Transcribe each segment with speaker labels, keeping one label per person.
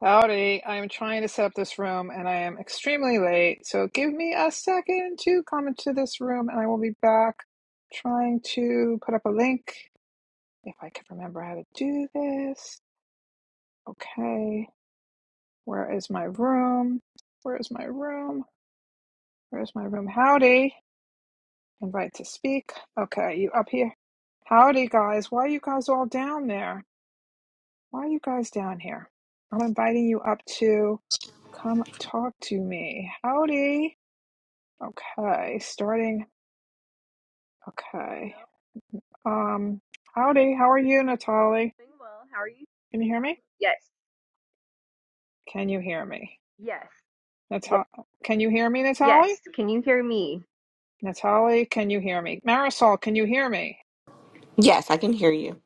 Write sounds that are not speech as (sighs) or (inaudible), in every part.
Speaker 1: Howdy, I am trying to set up this room and I am extremely late. So give me a second to come into this room and I will be back trying to put up a link if I can remember how to do this. Okay, where is my room? Where is my room? Where is my room? Howdy, invite to speak. Okay, you up here? Howdy, guys. Why are you guys all down there? Why are you guys down here? I'm inviting you up to come talk to me. Howdy. Okay, starting. Okay.
Speaker 2: Hello,
Speaker 1: Um, howdy. How are you, Natalie?
Speaker 2: doing well. How are you?
Speaker 1: Can you hear me?
Speaker 2: Yes,
Speaker 1: Can you hear me?
Speaker 2: yes, yes,
Speaker 1: Natal can you hear me, Natalie?
Speaker 2: yes. Can you hear me?
Speaker 1: Natalie, can you hear me? Marisol, can you hear me?
Speaker 3: Yes, I can hear you.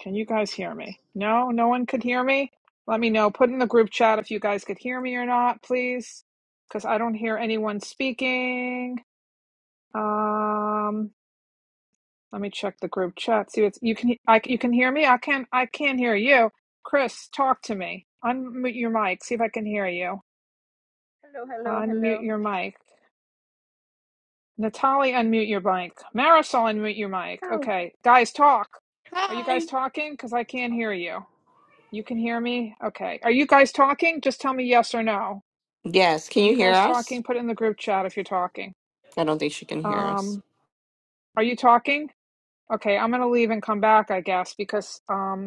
Speaker 1: Can you guys hear me? No, no one could hear me. Let me know. Put in the group chat if you guys could hear me or not, please, because I don't hear anyone speaking. Um, Let me check the group chat. See, it's you can I you can hear me. I can I can not hear you. Chris, talk to me. Unmute your mic. See if I can hear you.
Speaker 2: Hello, hello,
Speaker 1: Unmute
Speaker 2: hello.
Speaker 1: your mic. Natalie, unmute your mic. Marisol, unmute your mic.
Speaker 2: Oh,
Speaker 1: Okay, guys, talk. Are you guys
Speaker 3: Hi.
Speaker 1: talking? Because I can't hear you. You can hear me. Okay. Are you guys talking? Just tell me yes or no.
Speaker 3: Yes,
Speaker 1: Are
Speaker 3: can you
Speaker 1: you
Speaker 3: hear
Speaker 1: guys
Speaker 3: us?
Speaker 1: talking? Put it in the group chat if you're talking.
Speaker 3: I don't think she can hear us.
Speaker 1: Um, are you talking? Okay, I'm gonna leave and come back, I guess, because um,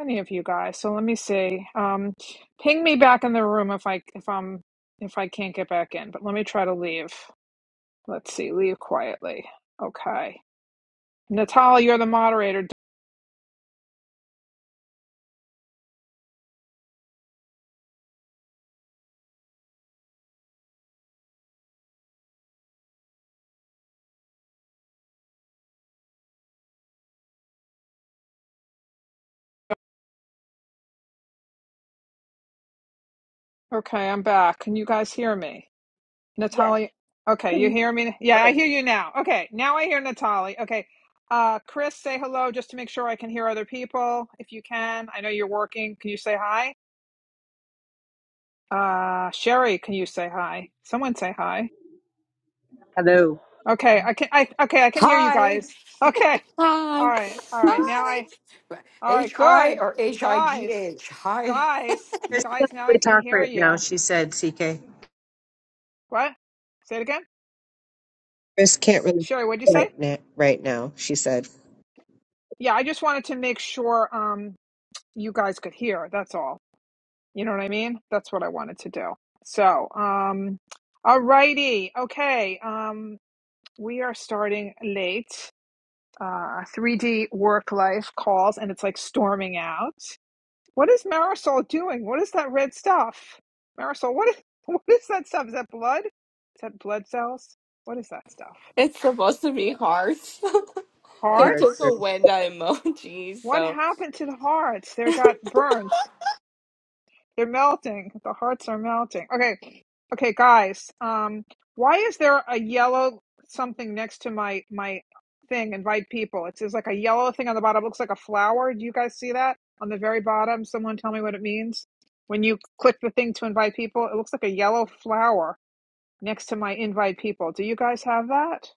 Speaker 1: Any of you guys. So let me see. Um, ping me back in the room if I if I'm if I can't get back in. But let me try to leave. Let's see. Leave quietly. Okay. Natalia, you're the moderator. Okay, I'm back. Can you guys hear me?
Speaker 2: yes.
Speaker 1: Natalia. Okay,
Speaker 2: Can
Speaker 1: you
Speaker 2: you?
Speaker 1: hear me? Yeah, I
Speaker 2: Okay.
Speaker 1: hear you now. Okay, now I hear Natalia. Okay. Uh, Chris, say hello just to make sure I can hear other people. If you can, I know you're working. Can you say hi? Uh, Sherry, can you say hi? Someone say hi.
Speaker 4: Hello.
Speaker 1: Okay, I can I okay, I can hear you
Speaker 5: Hi.
Speaker 1: guys. Okay. All
Speaker 3: Hi.
Speaker 1: right. All right. Now
Speaker 5: Hi.
Speaker 1: I All right,
Speaker 5: H I
Speaker 1: good.
Speaker 5: or H I G
Speaker 1: Guys.
Speaker 5: H. Hi.
Speaker 1: Guys.
Speaker 4: Chris can't
Speaker 1: Guys, now I
Speaker 4: really
Speaker 1: can
Speaker 4: talk
Speaker 1: hear
Speaker 4: right now,
Speaker 1: you.
Speaker 4: she said, CK.
Speaker 1: What? Say it again?
Speaker 4: Chris can't really
Speaker 1: Sherry, what'd you
Speaker 4: talk
Speaker 1: say?
Speaker 4: right now, right now, she said.
Speaker 1: Yeah, I just wanted to make sure um you guys could hear. That's all. You know what I mean? That's what I wanted to do. So, um all righty. Okay. Um we are starting late. Uh 3D work life calls and it's like storming out. What is Marisol doing? What is that red stuff? Marisol, what is (laughs) what is that stuff? Is that blood? Is that blood cells? What is that stuff?
Speaker 3: (laughs) it's supposed to be hearts. (laughs)
Speaker 4: The
Speaker 3: they
Speaker 4: hard
Speaker 3: took
Speaker 1: Hearts?
Speaker 4: truth.
Speaker 3: away that emoji,
Speaker 1: What
Speaker 3: so
Speaker 1: happened to the hearts? They got burnt. They're melting. The hearts are melting. Okay. Okay, guys. Um, why is there a yellow something next to my my thing? Invite people. It's just like a yellow thing on the bottom. It looks like a flower. Do you guys see that on the very bottom? Someone tell me what it means. When you click the thing to invite people, it looks like a yellow flower next to my invite people. Do you guys have that?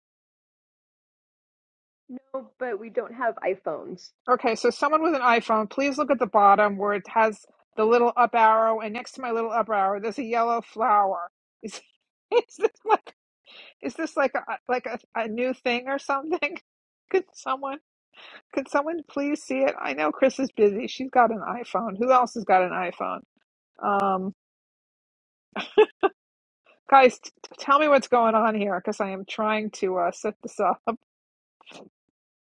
Speaker 2: No, but we don't have iPhones.
Speaker 1: Okay, so someone with an iPhone, please look at the bottom where it has the little up arrow, and next to my little up arrow, there's a yellow flower. Is, (laughs) is this like is this like a like a, a new thing or something? (laughs) Could someone could someone please see it? I know Chris is busy. She's got an iPhone. Who else has got an iPhone? Um, guys, t- t- tell me what's going on here because I am trying to uh, set this up.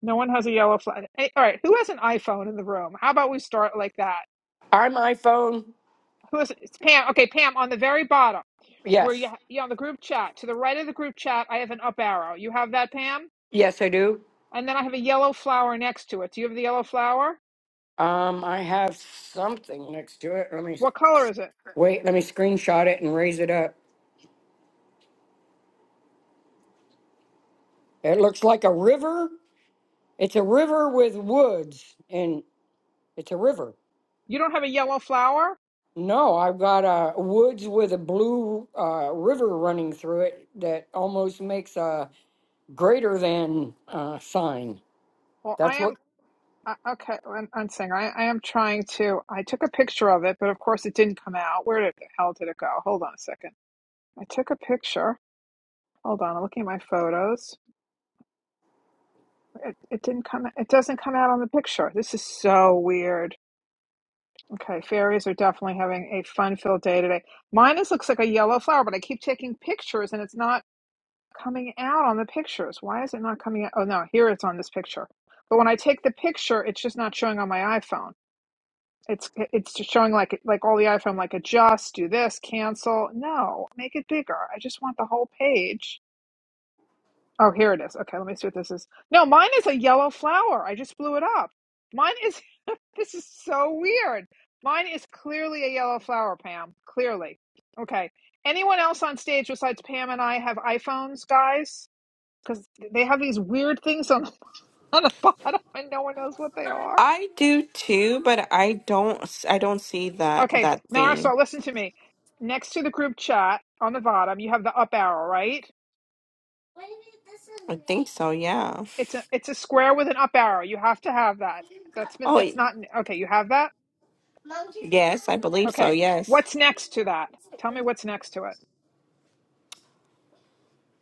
Speaker 1: No one has a yellow flower. All right, who has an iPhone in the room? How about we start like that?
Speaker 5: I'm iPhone.
Speaker 1: Who's it's Pam? Okay, Pam, on the very bottom where you
Speaker 5: Yes.
Speaker 1: you on the group chat to the right of the group chat, I have an up arrow. You have that, Pam?
Speaker 5: Yes, I do.
Speaker 1: And then I have a yellow flower next to it. Do you have the yellow flower?
Speaker 5: Um, I have something next to it. Let me
Speaker 1: What color is it?
Speaker 5: wait. Let me screenshot it and raise it up. It looks like a river. It's a river with woods, and it's a river.
Speaker 1: You don't have a yellow flower?
Speaker 5: No, I've got uh, woods with a blue uh, river running through it that almost makes a greater than uh, sign.
Speaker 1: Well, I
Speaker 5: That's
Speaker 1: am
Speaker 5: what
Speaker 1: uh, okay. I'm, I'm saying I, I am trying to. I took a picture of it, but of course it didn't come out. Where did the hell did it go? Hold on a second. I took a picture. Hold on. I'm looking at my photos. It, it didn't come. It doesn't come out on the picture. This is so weird. Okay, fairies are definitely having a fun-filled day today. Mine is looks like a yellow flower, but I keep taking pictures and it's not coming out on the pictures. Why is it not coming out? Oh no, here it's on this picture. But when I take the picture, it's just not showing on my iPhone. It's it's just showing like like all the iPhone, like adjust, do this, cancel. No, make it bigger. I just want the whole page. Oh, here it is. Okay, let me see what this is. No, mine is a yellow flower. I just blew it up. Mine is, (laughs) this is so weird. Mine is clearly a yellow flower, Pam. Clearly. Okay. Anyone else on stage besides Pam and I have iPhones, guys? Because they have these weird things on the, (laughs) on the bottom (laughs) and no one knows what they are.
Speaker 3: I do too, but I don't. s- I don't see that
Speaker 1: Okay,
Speaker 3: that thing.
Speaker 1: Marisol, listen to me. Next to the group chat on the bottom, you have the up arrow, right?
Speaker 3: I think so. Yeah.
Speaker 1: It's a it's a square with an up arrow. You have to have that. That's been
Speaker 3: Oh,
Speaker 1: that's
Speaker 3: y-
Speaker 1: not okay. You have that.
Speaker 3: yes, I believe so.
Speaker 1: Okay.
Speaker 3: Yes.
Speaker 1: What's next to that? Tell me what's next to it.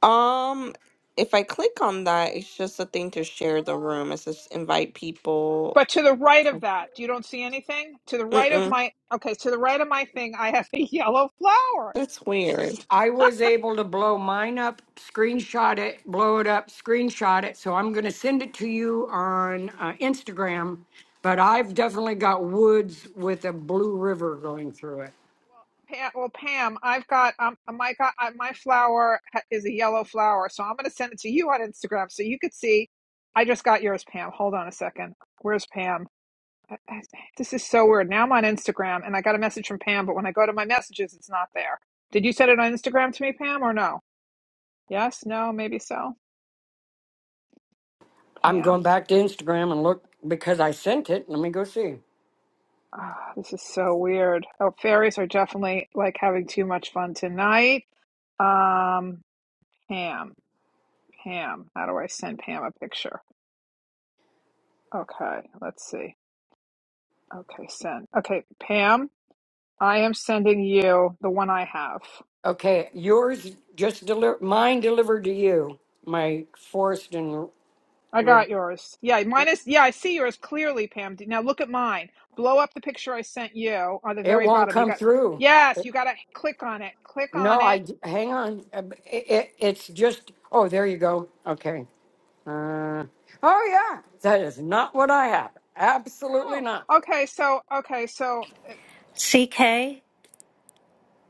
Speaker 3: Um, if I click on that, it's just a thing to share the room. It says invite people.
Speaker 1: But to the right of that, you don't see anything? To the right of
Speaker 3: Mm-mm.
Speaker 1: my okay, to the right of my thing, I have (laughs) a yellow flower.
Speaker 3: That's
Speaker 1: This
Speaker 3: weird.
Speaker 1: is
Speaker 5: I was able to blow mine up, screenshot it, blow it up, screenshot it. So I'm going to send it to you on uh, Instagram. But I've definitely got woods with a blue river going through it.
Speaker 1: Pam, well, Pam, I've got um uh, my got uh, my flower ha- is a yellow flower, so I'm going to send it to you on Instagram so you could see. I just got yours, Pam. Hold on a second. Where's Pam? I- I- This is so weird. Now I'm on Instagram and I got a message from Pam, but when I go to my messages, it's not there. Did you send it on Instagram to me, Pam, or no? Yes, no, maybe so.
Speaker 5: I'm
Speaker 1: Pam.
Speaker 5: going back to Instagram and look because I sent it. Let me go see.
Speaker 1: Ah, this is so weird. Oh, fairies are definitely like having too much fun tonight. Um, Pam, Pam, how do I send Pam a picture? Okay, let's see. Okay, send. Okay, Pam, I am sending you the one I have.
Speaker 5: Okay, yours just deliver mine delivered to you. My forest and
Speaker 1: I
Speaker 5: river.
Speaker 1: got yours. Yeah, mine is. Yeah, I see yours clearly, Pam. Now look at mine. Blow up the picture I sent you on the
Speaker 5: It
Speaker 1: very
Speaker 5: won't
Speaker 1: bottom. You
Speaker 5: come
Speaker 1: got.
Speaker 5: through.
Speaker 1: Yes,
Speaker 5: It-
Speaker 1: you got to click on it. Click
Speaker 5: No,
Speaker 1: on
Speaker 5: I
Speaker 1: it.
Speaker 5: d- hang on. Uh, b- It, it, it's just. Oh, there you go. Okay. Uh, oh yeah, that is not what I have. Absolutely not.
Speaker 1: No. Okay, so okay, so
Speaker 6: CK,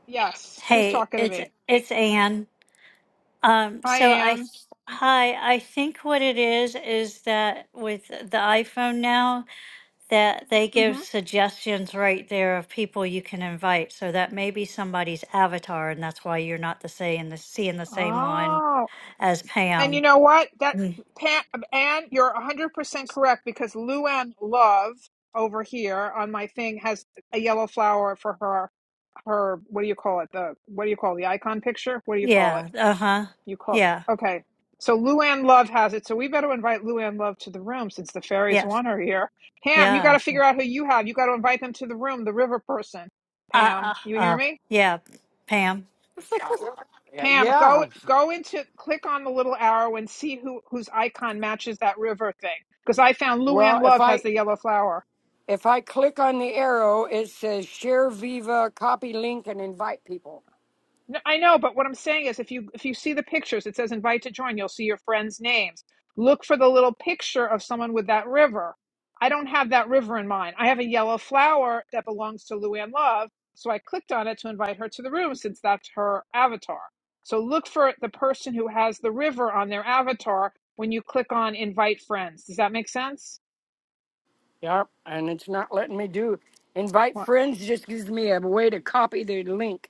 Speaker 1: Yes. Who's
Speaker 6: hey,
Speaker 1: talking to
Speaker 6: it's
Speaker 1: me?
Speaker 6: it's Anne. Um,
Speaker 1: Hi,
Speaker 6: so I,
Speaker 1: Anne.
Speaker 6: hi, I think what it is is that with the iPhone now that they give
Speaker 1: hmm
Speaker 6: suggestions right there of people you can invite. So that may be somebody's avatar, and that's why you're not the same, the seeing the same one
Speaker 1: Oh,
Speaker 6: as
Speaker 1: and you
Speaker 6: Pam.
Speaker 1: know what? That
Speaker 6: Mm.
Speaker 1: Pat, Anne, you're 100% correct because Luann Love over here on my thing has a yellow flower for her her what do you call it? The what do you call the icon picture? What do you call
Speaker 6: Yeah.
Speaker 1: it?
Speaker 6: Uh huh.
Speaker 1: You call
Speaker 6: Yeah.
Speaker 1: Okay. So Luann Love has it. So we better invite Luann Love to the room since the fairies
Speaker 6: Yes.
Speaker 1: want her here. Pam, you got
Speaker 6: Yeah.
Speaker 1: to figure out who you have. You got to invite them to the room, the river person.
Speaker 6: Uh,
Speaker 1: Pam,
Speaker 6: uh,
Speaker 1: you hear
Speaker 6: uh,
Speaker 1: me?
Speaker 6: yeah. Pam.
Speaker 5: Uh, uh,
Speaker 1: Pam, go
Speaker 5: yeah.
Speaker 1: go into click on the little arrow and see who whose icon matches that river thing. Because I found Luann
Speaker 5: Well, if
Speaker 1: Love has
Speaker 5: I
Speaker 1: the yellow flower.
Speaker 5: if I click on the arrow, it says share Viva, copy link, and invite people.
Speaker 1: No, I know, but what I'm saying is if you if you see the pictures, it says invite to join, you'll see your friends' names. Look for the little picture of someone with that river. I don't have that river in mind. I have a yellow flower that belongs to Luann Love, so I clicked on it to invite her to the room since that's her avatar. So look for the person who has the river on their avatar when you click on invite friends. Does that make sense?
Speaker 5: Yep, and it's not letting me do invite
Speaker 1: What?
Speaker 5: friends. Just gives me a way to copy the link.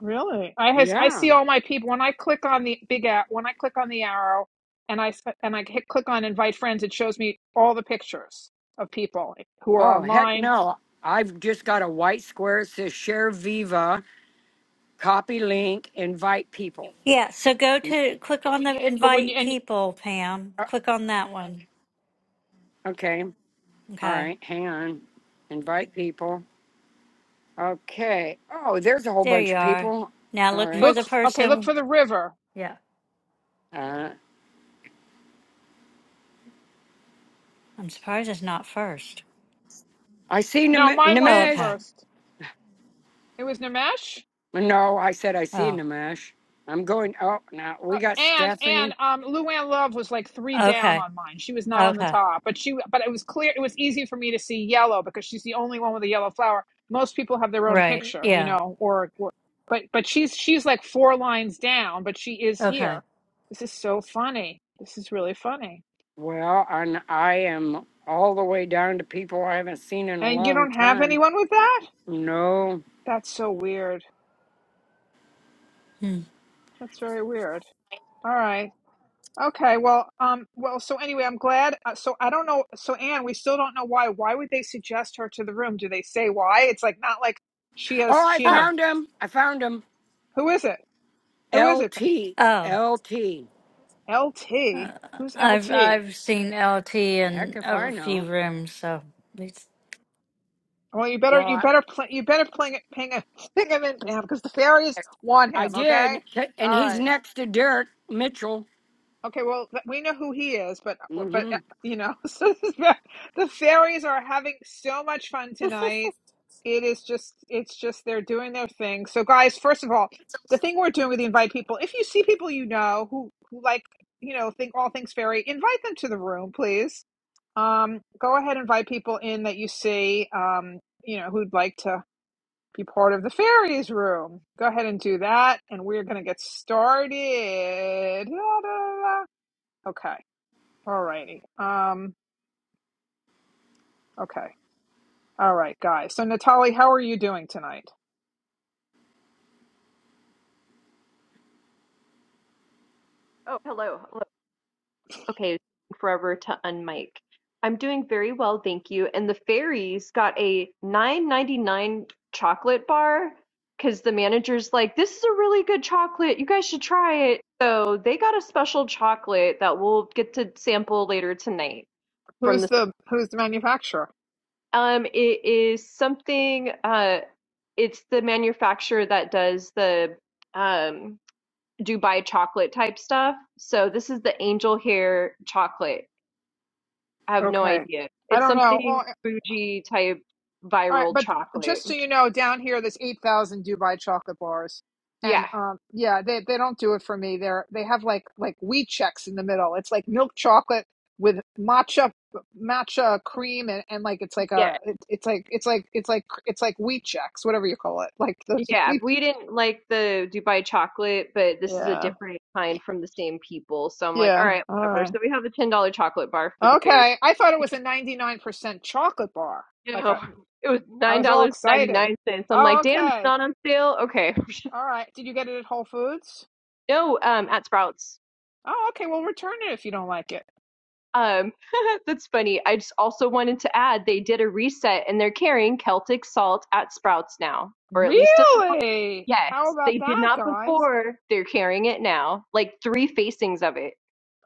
Speaker 1: Really? I has I
Speaker 5: Yeah.
Speaker 1: see all my people when I click on the big app when I click on the arrow and I s- and I hit click on invite friends it shows me all the pictures of people who are
Speaker 5: Oh heck
Speaker 1: online.
Speaker 5: no. I've just got a white square. It says share Viva, copy link, invite people.
Speaker 6: Yeah, so go to click on the
Speaker 1: But when you
Speaker 6: invite
Speaker 1: and
Speaker 6: people, Pam.
Speaker 5: Uh,
Speaker 6: Click on that one.
Speaker 5: okay. All
Speaker 6: Okay.
Speaker 5: right. Hang on. Invite people. Okay. Oh, there's a whole
Speaker 6: There
Speaker 5: bunch
Speaker 6: you
Speaker 5: of
Speaker 6: are.
Speaker 5: people.
Speaker 6: Now
Speaker 5: All
Speaker 6: look for
Speaker 5: right.
Speaker 1: look
Speaker 6: the
Speaker 1: okay, look
Speaker 6: person.
Speaker 1: for the river.
Speaker 6: Yeah.
Speaker 5: Uh,
Speaker 6: I'm surprised it's not first.
Speaker 5: I see
Speaker 1: No,
Speaker 5: Nam-
Speaker 1: mine
Speaker 6: Oh,
Speaker 1: wasn't
Speaker 5: Nimesh.
Speaker 6: okay.
Speaker 1: first. It was Nimesh.
Speaker 5: No, I said I see
Speaker 6: Oh,
Speaker 5: Nimesh. I'm going. Oh, now we
Speaker 1: Uh,
Speaker 5: got
Speaker 1: and and
Speaker 5: Stephanie.
Speaker 1: um, Luann Love was like three down
Speaker 6: okay.
Speaker 1: on mine. She was not on the
Speaker 6: Okay.
Speaker 1: top, but she but it was clear it was easy for me to see yellow because she's the only one with a yellow flower. Most people have their own
Speaker 6: Right.
Speaker 1: picture, you
Speaker 6: Yeah.
Speaker 1: know, or, or but but she's she's like four lines down, but she is
Speaker 6: Okay.
Speaker 1: here. This is so funny. This is really funny.
Speaker 5: Well, and I am all the way down to people I haven't seen in a
Speaker 1: And you
Speaker 5: long
Speaker 1: don't have
Speaker 5: time.
Speaker 1: anyone with that?
Speaker 5: No.
Speaker 1: That's so weird.
Speaker 6: Hmm.
Speaker 1: That's very weird. All right. Okay, well, um, well, so anyway, I'm glad. Uh, so I don't know. So Anne, we still don't know why. Why would they suggest her to the room? Do they say why? It's like not like she has
Speaker 5: Oh, I
Speaker 1: she and I.
Speaker 6: Oh,
Speaker 5: found him. I found him.
Speaker 1: Who is it? Who is it?
Speaker 5: LT.
Speaker 6: oh.
Speaker 5: LT.
Speaker 6: Uh,
Speaker 1: LT. Who's
Speaker 6: I've
Speaker 1: LT?
Speaker 6: I've seen LT
Speaker 5: Heck
Speaker 6: in
Speaker 5: if I
Speaker 6: a few
Speaker 5: know.
Speaker 6: rooms, so it's
Speaker 1: Well, you better
Speaker 5: Well,
Speaker 1: you
Speaker 5: I,
Speaker 1: better play you better ping it ping it (laughs) ping him in Pam because the fairies want
Speaker 5: I
Speaker 1: him. Okay.
Speaker 5: did. T- and
Speaker 1: All
Speaker 5: he's
Speaker 1: right.
Speaker 5: next to Derek Mitchell.
Speaker 1: Okay, well, th- we know who he is, but uh,
Speaker 5: Mm
Speaker 1: but uh,
Speaker 5: hmm.
Speaker 1: you know, (laughs) so this is ve- the fairies are having so much fun tonight. It is just, it's just they're doing their thing. So, guys, first of all, the thing we're doing with the invite people, if you see people you know who who like you know think all things fairy, invite them to the room, please. Um, go ahead, and invite people in that you see, um, you know, who'd like to be part of the fairies room. Go ahead and do that, and we're gonna get started. (laughs) Okay. All righty. Um, okay. All right, guys. So Natalie, how are you doing tonight?
Speaker 2: Oh, hello, hello. Okay, forever to unmic. I'm doing very well, thank you. And the fairies got a 9.99 chocolate bar because the manager's like, "This is a really good chocolate. You guys should try it." So they got a special chocolate that we'll get to sample later tonight from
Speaker 1: Who's
Speaker 2: the.
Speaker 1: the who's the manufacturer?
Speaker 2: Um, it is something, uh, it's the manufacturer that does the um, Dubai chocolate type stuff. So this is the angel hair chocolate. I have no
Speaker 1: Okay.
Speaker 2: idea.
Speaker 1: I
Speaker 2: It's
Speaker 1: don't know.
Speaker 2: something
Speaker 1: Well,
Speaker 2: bougie type
Speaker 1: all right,
Speaker 2: viral
Speaker 1: but
Speaker 2: chocolate.
Speaker 1: just so you know, down here there's 8,000 Dubai chocolate bars. And
Speaker 2: Yeah.
Speaker 1: um yeah, they they don't do it for me. They're they have like like wheat checks in the middle. It's like milk chocolate with matcha matcha cream and, and like it's like
Speaker 2: Yeah.
Speaker 1: a it, it's like it's like it's like it's like wheat checks, whatever you call it. Like those (laughs)
Speaker 2: Yeah.
Speaker 1: wheat.
Speaker 2: We didn't like the Dubai chocolate, but this is a
Speaker 1: Yeah.
Speaker 2: different kind from the same people. So I'm like, all
Speaker 1: Yeah.
Speaker 2: right,
Speaker 1: All right.
Speaker 2: whatever. So we have a $10 chocolate bar for the fairy.
Speaker 1: Okay, I thought it was a 99% chocolate bar. Like a,
Speaker 2: No, it was
Speaker 1: I
Speaker 2: nine
Speaker 1: was all
Speaker 2: dollars ninety
Speaker 1: excited.
Speaker 2: nine cents. I'm
Speaker 1: Oh,
Speaker 2: like, damn, it's
Speaker 1: okay.
Speaker 2: not on sale. Okay, (laughs)
Speaker 1: All right. Did you get it at Whole Foods?
Speaker 2: no, um, at Sprouts.
Speaker 1: Oh, okay. Well, return it if you don't like it.
Speaker 2: Um, (laughs) that's funny. I just also wanted to add they did a reset and they're carrying Celtic salt at Sprouts now, or at least at the one.
Speaker 1: Really? How
Speaker 2: yes,
Speaker 1: about
Speaker 2: they did
Speaker 1: that,
Speaker 2: not
Speaker 1: guys?
Speaker 2: before. They're carrying it now, like three facings of it.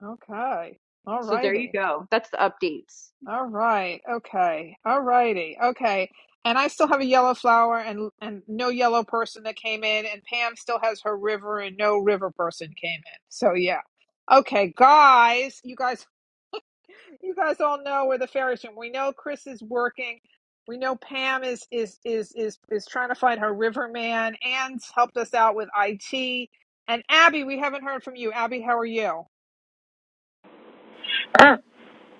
Speaker 1: Okay. All
Speaker 2: So there you
Speaker 1: righty.
Speaker 2: go. That's the updates.
Speaker 1: All right. Okay. All righty. Okay. And I still have a yellow flower and and no yellow person that came in and Pam still has her river and no river person came in. So yeah. Okay, guys, you guys you guys all know where the fairies are. We know Chris is working. We know Pam is is is is is trying to find her river man. Anne's helped us out with IT. And Abby, we haven't heard from you. Abby, how are you?
Speaker 7: Uh,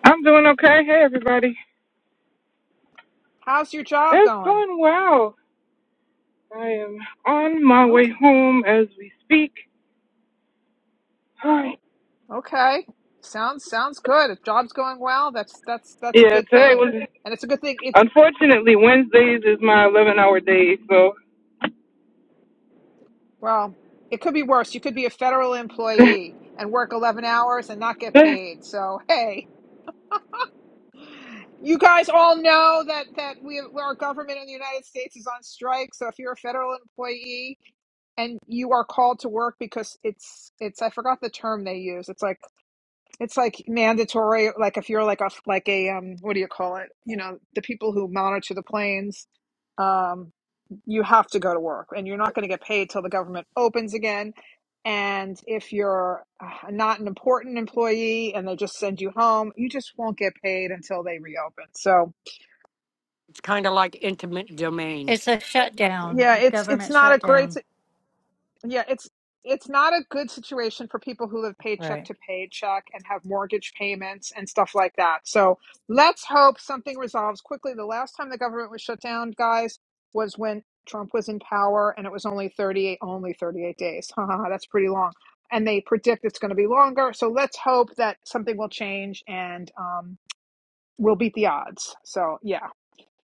Speaker 7: I'm doing okay. Hey, everybody.
Speaker 1: How's your job
Speaker 7: It's
Speaker 1: going?
Speaker 7: going well. I am on my way
Speaker 1: Okay.
Speaker 7: home as we speak. (sighs) Alright.
Speaker 1: Okay. Sounds sounds good. If job's going well, that's that's that's a
Speaker 7: Yeah,
Speaker 1: good
Speaker 7: today
Speaker 1: thing.
Speaker 7: was
Speaker 1: And it's a good thing it's
Speaker 7: unfortunately Wednesdays is my 11 hour day,
Speaker 1: well, it could be worse. You could be a federal employee and work eleven hours and not get
Speaker 7: so (laughs)
Speaker 1: paid. So hey You guys all know that that we our government in the United States is on strike. So if you're a federal employee and you are called to work because it's it's I forgot the term they use. It's like it's like mandatory. Like if you're like a like a um what do you call it? You know the people who monitor the planes. Um, you have to go to work, and you're not going to get paid till the government opens again. And if you're uh, not an important employee and they just send you home, you just won't get paid until they reopen. So
Speaker 5: It's kind of like intimate domain.
Speaker 6: it's a
Speaker 1: Yeah,
Speaker 6: shutdown,
Speaker 1: it's it's
Speaker 6: government
Speaker 1: not a great
Speaker 6: shutdown.
Speaker 1: si- yeah, it's it's not a good situation for people who live paycheck
Speaker 6: Right.
Speaker 1: to paycheck and have mortgage payments and stuff like that. So let's hope something resolves quickly. The last time the government was shut down, guys, was when Trump was in power and it was only 38 only 38 days. (laughs) Haha, That's pretty long. And they predict it's going to be longer. So let's hope that something will change and um, we'll beat the odds. So yeah.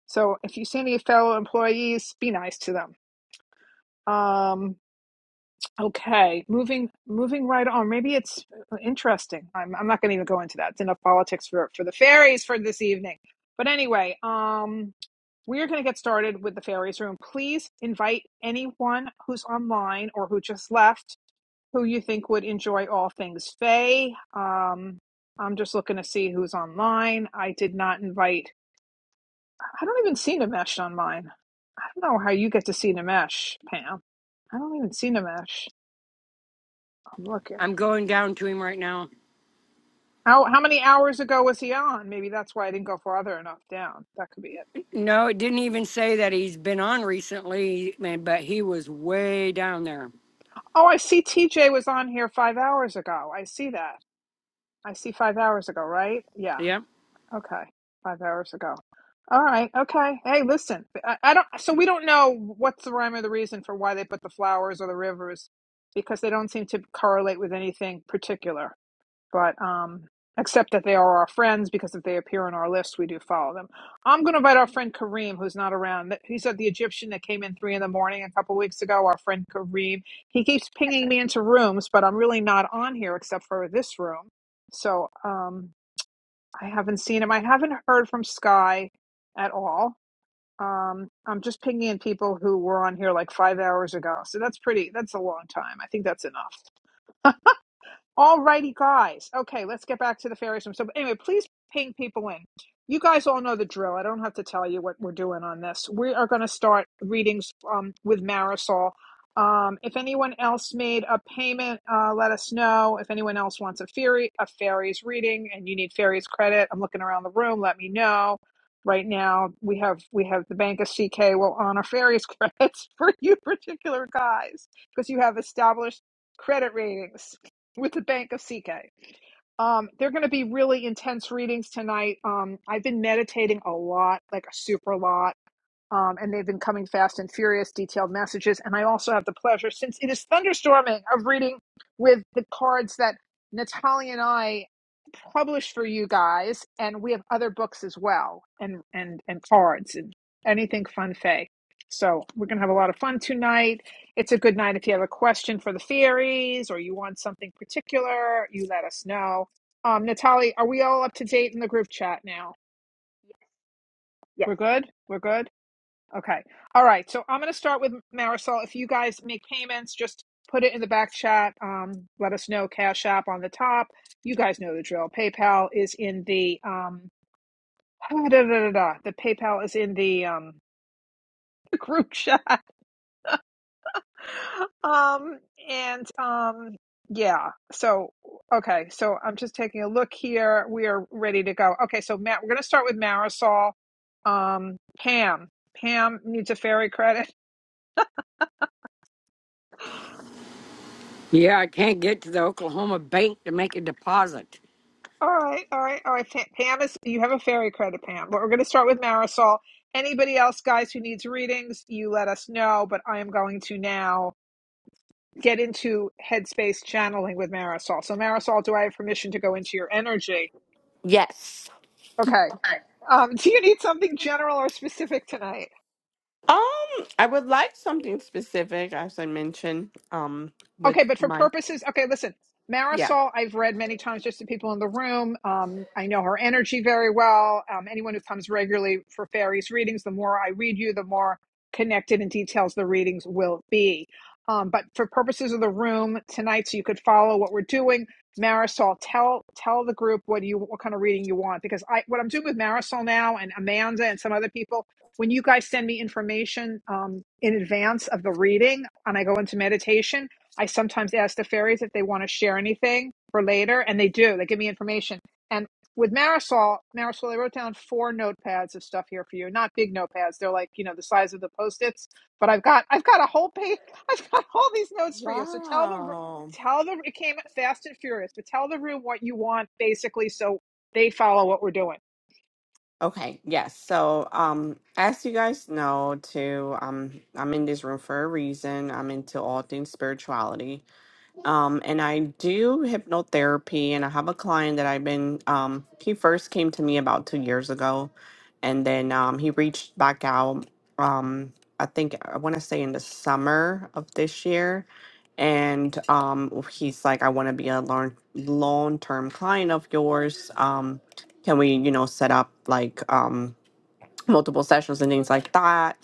Speaker 1: So if you see any fellow employees, be nice to them. Um, Okay, moving moving right on. Maybe it's uh, interesting. I'm I'm not going to even go into that. It's enough politics for for the fairies for this evening. But anyway, um, we are going to get started with the fairies room. Please invite anyone who's online or who just left who you think would enjoy all things fae. Um, I'm just looking to see who's online. I did not invite. I don't even see Nimesh on mine. I don't know how you get to see Nimesh, Pam. I don't even see Nimesh. I'm looking.
Speaker 5: I'm going down to him right now.
Speaker 1: How how many hours ago was he on? Maybe that's why I didn't go farther enough down. That could be it.
Speaker 5: No, it didn't even say that he's been on recently, man, but he was way down there.
Speaker 1: Oh, I see TJ was on here five hours ago. I see that. I see five hours ago, right? Yeah.
Speaker 5: Yeah.
Speaker 1: Okay. Five hours ago. All right. Okay. Hey, listen. I, I don't. So we don't know what's the rhyme or the reason for why they put the flowers or the rivers, because they don't seem to correlate with anything particular. but um, except that they are our friends because if they appear on our list, we do follow them. I'm going to invite our friend Kareem, who's not around. He's He the Egyptian that came in three in the morning a couple weeks ago. Our friend Kareem, he keeps pinging me into rooms, but I'm really not on here except for this room. So um, I haven't seen him. I haven't heard from Sky at all. Um, I'm just pinging in people who were on here like five hours ago. So that's pretty, that's a long time. I think that's enough. Alrighty, guys. Okay, let's get back to the fairies room. So, anyway, please ping people in. You guys all know the drill. I don't have to tell you what we're doing on this. We are going to start readings um, with Marisol. Um, if anyone else made a payment, uh, let us know. If anyone else wants a fairy, a fairies reading, and you need fairies credit, I'm looking around the room. Let me know. Right now, we have we have the Bank of CK will honor fairies (laughs) credits for you particular guys because you have established credit ratings with the Bank of CK. Um, they're going to be really intense readings tonight. Um, I've been meditating a lot, like a super lot, um, and they've been coming fast and furious, detailed messages. And I also have the pleasure, since it is thunderstorming, of reading with the cards that Natalie and I published for you guys, and we have other books as well, and and and cards and anything fun fay. So we're gonna have a lot of fun tonight. It's a good night if you have a question for the fairies or you want something particular. You let us know. Um, Natalie, are we all up to date in the group chat now?
Speaker 2: Yes,
Speaker 1: We're good. We're good. Okay. All right. So I'm gonna start with Marisol. If you guys make payments, just put it in the back chat. Um, let us know. Cash App on the top. You guys know the drill. PayPal is in the um, Ah, da, da, da, da, The PayPal is in the um (laughs) the group chat. Um and um yeah. So okay, so I'm just taking a look here. We are ready to go. Okay, so Matt, we're gonna start with Marisol. Um Pam. Pam needs a fairy credit.
Speaker 5: Yeah, I can't get to the Oklahoma bank to make a deposit.
Speaker 1: (laughs) All right, all right, all right. Pam, Pam is you have a fairy credit, Pam. But we're gonna start with Marisol. Anybody else, guys, who needs readings, you let us know. But I am going to now. get into headspace channeling with Marisol. So, Marisol, do I have permission to go into your energy?
Speaker 3: Yes.
Speaker 1: Okay.
Speaker 3: Um,
Speaker 1: Um, (laughs) do you need something general or specific tonight?
Speaker 3: I would like something specific, as I mentioned. Um, with
Speaker 1: Okay, but for
Speaker 3: my
Speaker 1: purposes, okay, listen,
Speaker 3: yeah.
Speaker 1: Marisol, I've read many times just to people in the room. Um, I know her energy very well. Um, anyone who comes regularly for fairies readings, the more I read you, the more connected and details the readings will be. Um, but for purposes of the room tonight, so you could follow what we're doing, Marisol, tell tell the group what you what kind of reading you want because I what I'm doing with Marisol now and Amanda and some other people. When you guys send me information um, in advance of the reading, and I go into meditation I sometimes ask the fairies if they want to share anything for later, and they do. They give me information. And with Marisol, Marisol, I wrote down four notepads of stuff here for you. Not big notepads; they're like you know the size of the post-its. But I've got I've got a whole page. (laughs) I've got all these notes for you. So tell the
Speaker 3: Wow.
Speaker 1: tell the it came fast and furious, but tell the room what you want basically, so they follow what we're doing.
Speaker 3: Okay. Yes. So, um, as you guys know, too, um, I'm in this room for a reason. I'm into all things spirituality. Um, and I do hypnotherapy, and I have a client that I've been. Um, he first came to me about two years ago, and then um, he reached back out. Um, I think I want to say in the summer of this year, and um, he's like, "I want to be a long long term client of yours. Um, can we, you know, set up like?" um, multiple sessions and things like that.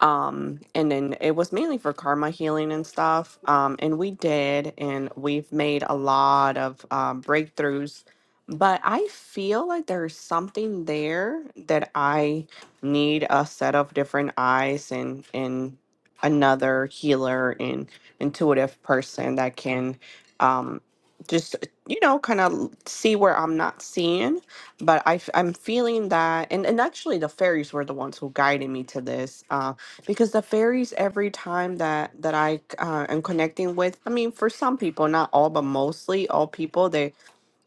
Speaker 3: Um, and then it was mainly for karma healing and stuff. Um, and we did, and we've made a lot of um, breakthroughs. But I feel like there's something there that I need a set of different eyes and and another healer and intuitive person that can um, just you know kind of see where I'm not seeing but I, am feeling that, and, and actually, the fairies were the ones who guided me to this, uh, because the fairies, every time that that I uh, am connecting with, I mean, for some people, not all, but mostly all people they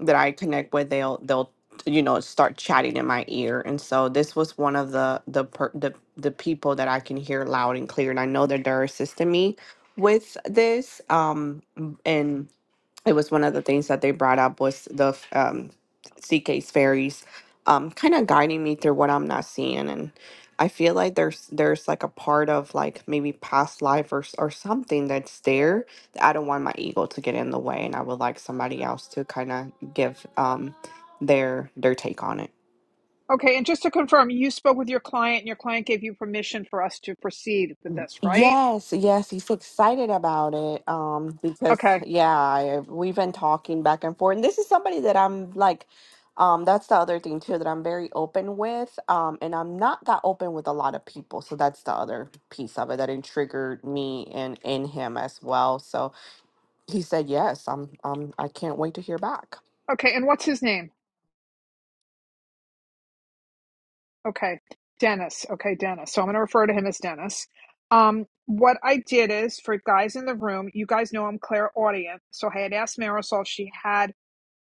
Speaker 3: that I connect with, they'll they'll you know start chatting in my ear, and so this was one of the the per, the the people that I can hear loud and clear, and I know that they're assisting me with this, um, and it was one of the things that they brought up was the f- um, CK's fairies, um, kind of guiding me through what I'm not seeing, and I feel like there's there's like a part of like maybe past life or s- or something that's there that I don't want my ego to get in the way, and I would like somebody else to kind of give um, their their take on it.
Speaker 1: Okay, and just to confirm, you spoke with your client, and your client gave you permission for us to proceed with this, right?
Speaker 3: Yes, yes, he's excited about it. Um, because
Speaker 1: Okay.
Speaker 3: yeah, I, we've been talking back and forth. And this is somebody that I'm like, um, that's the other thing too that I'm very open with. Um, and I'm not that open with a lot of people, so that's the other piece of it that it triggered me and in him as well. So he said yes. I'm, um, I can't wait to hear back.
Speaker 1: Okay. And what's his name? Okay. Dennis. Okay, Dennis. So I'm going to refer to him as Dennis. Um, what I did is for guys in the room, you guys know I'm clairaudient. So I had asked Marisol if she had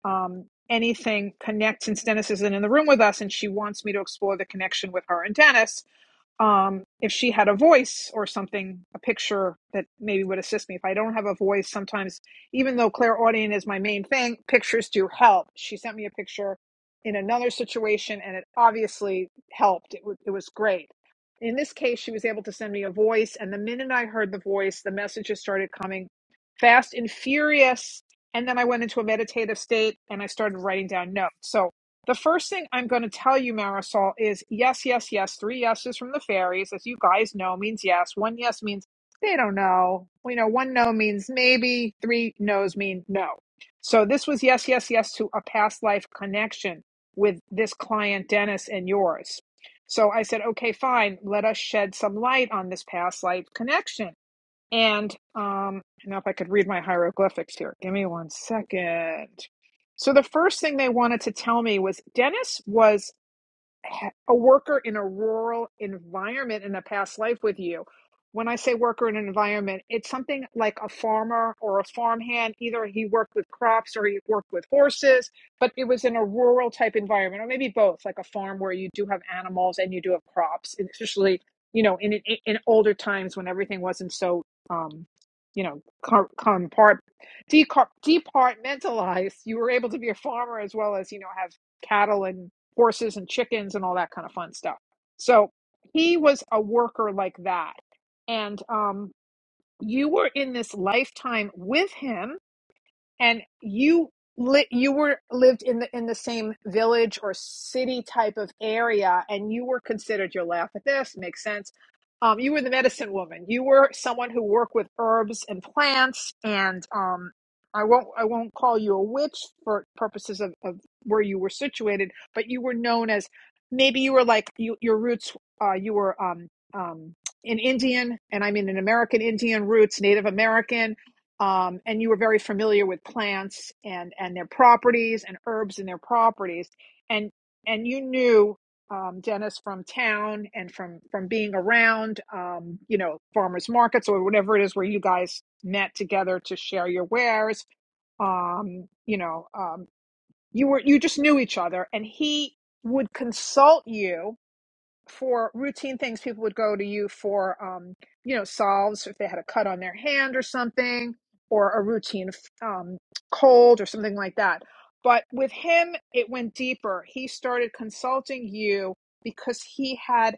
Speaker 1: um, anything connect since Dennis isn't in the room with us and she wants me to explore the connection with her and Dennis. um, if she had a voice or something, a picture that maybe would assist me. If I don't have a voice, sometimes, even though clairaudient is my main thing, pictures do help. She sent me a picture in another situation, and it obviously helped. It, w- it was great. In this case, she was able to send me a voice, and the minute I heard the voice, the messages started coming fast and furious. And then I went into a meditative state and I started writing down notes. So. The first thing I'm going to tell you, Marisol, is yes, yes, yes. Three yeses from the fairies, as you guys know, means yes. One yes means they don't know. We know one no means maybe. Three no's mean no. So this was yes, yes, yes to a past life connection with this client, Dennis, and yours. So I said, okay, fine. Let us shed some light on this past life connection. And um, now, if I could read my hieroglyphics here, give me one second. So, the first thing they wanted to tell me was Dennis was a worker in a rural environment in a past life with you. When I say worker in an environment, it's something like a farmer or a farmhand. Either he worked with crops or he worked with horses, but it was in a rural type environment, or maybe both, like a farm where you do have animals and you do have crops, and especially you know in in, in older times when everything wasn't so um, you know com- compart decar- departmentalized. You were able to be a farmer as well as you know have cattle and horses and chickens and all that kind of fun stuff. So he was a worker like that. And um, you were in this lifetime with him and you li- you were lived in the in the same village or city type of area and you were considered you'll laugh at this makes sense um, you were the medicine woman you were someone who worked with herbs and plants and um, i won't i won't call you a witch for purposes of, of where you were situated but you were known as maybe you were like you, your roots uh, you were um, um, an indian and i mean an american indian roots native american um, and you were very familiar with plants and and their properties and herbs and their properties and and you knew um, Dennis from town and from from being around um, you know farmers markets or whatever it is where you guys met together to share your wares um, you know um, you were you just knew each other and he would consult you for routine things people would go to you for um you know salves if they had a cut on their hand or something or a routine um cold or something like that but with him it went deeper he started consulting you because he had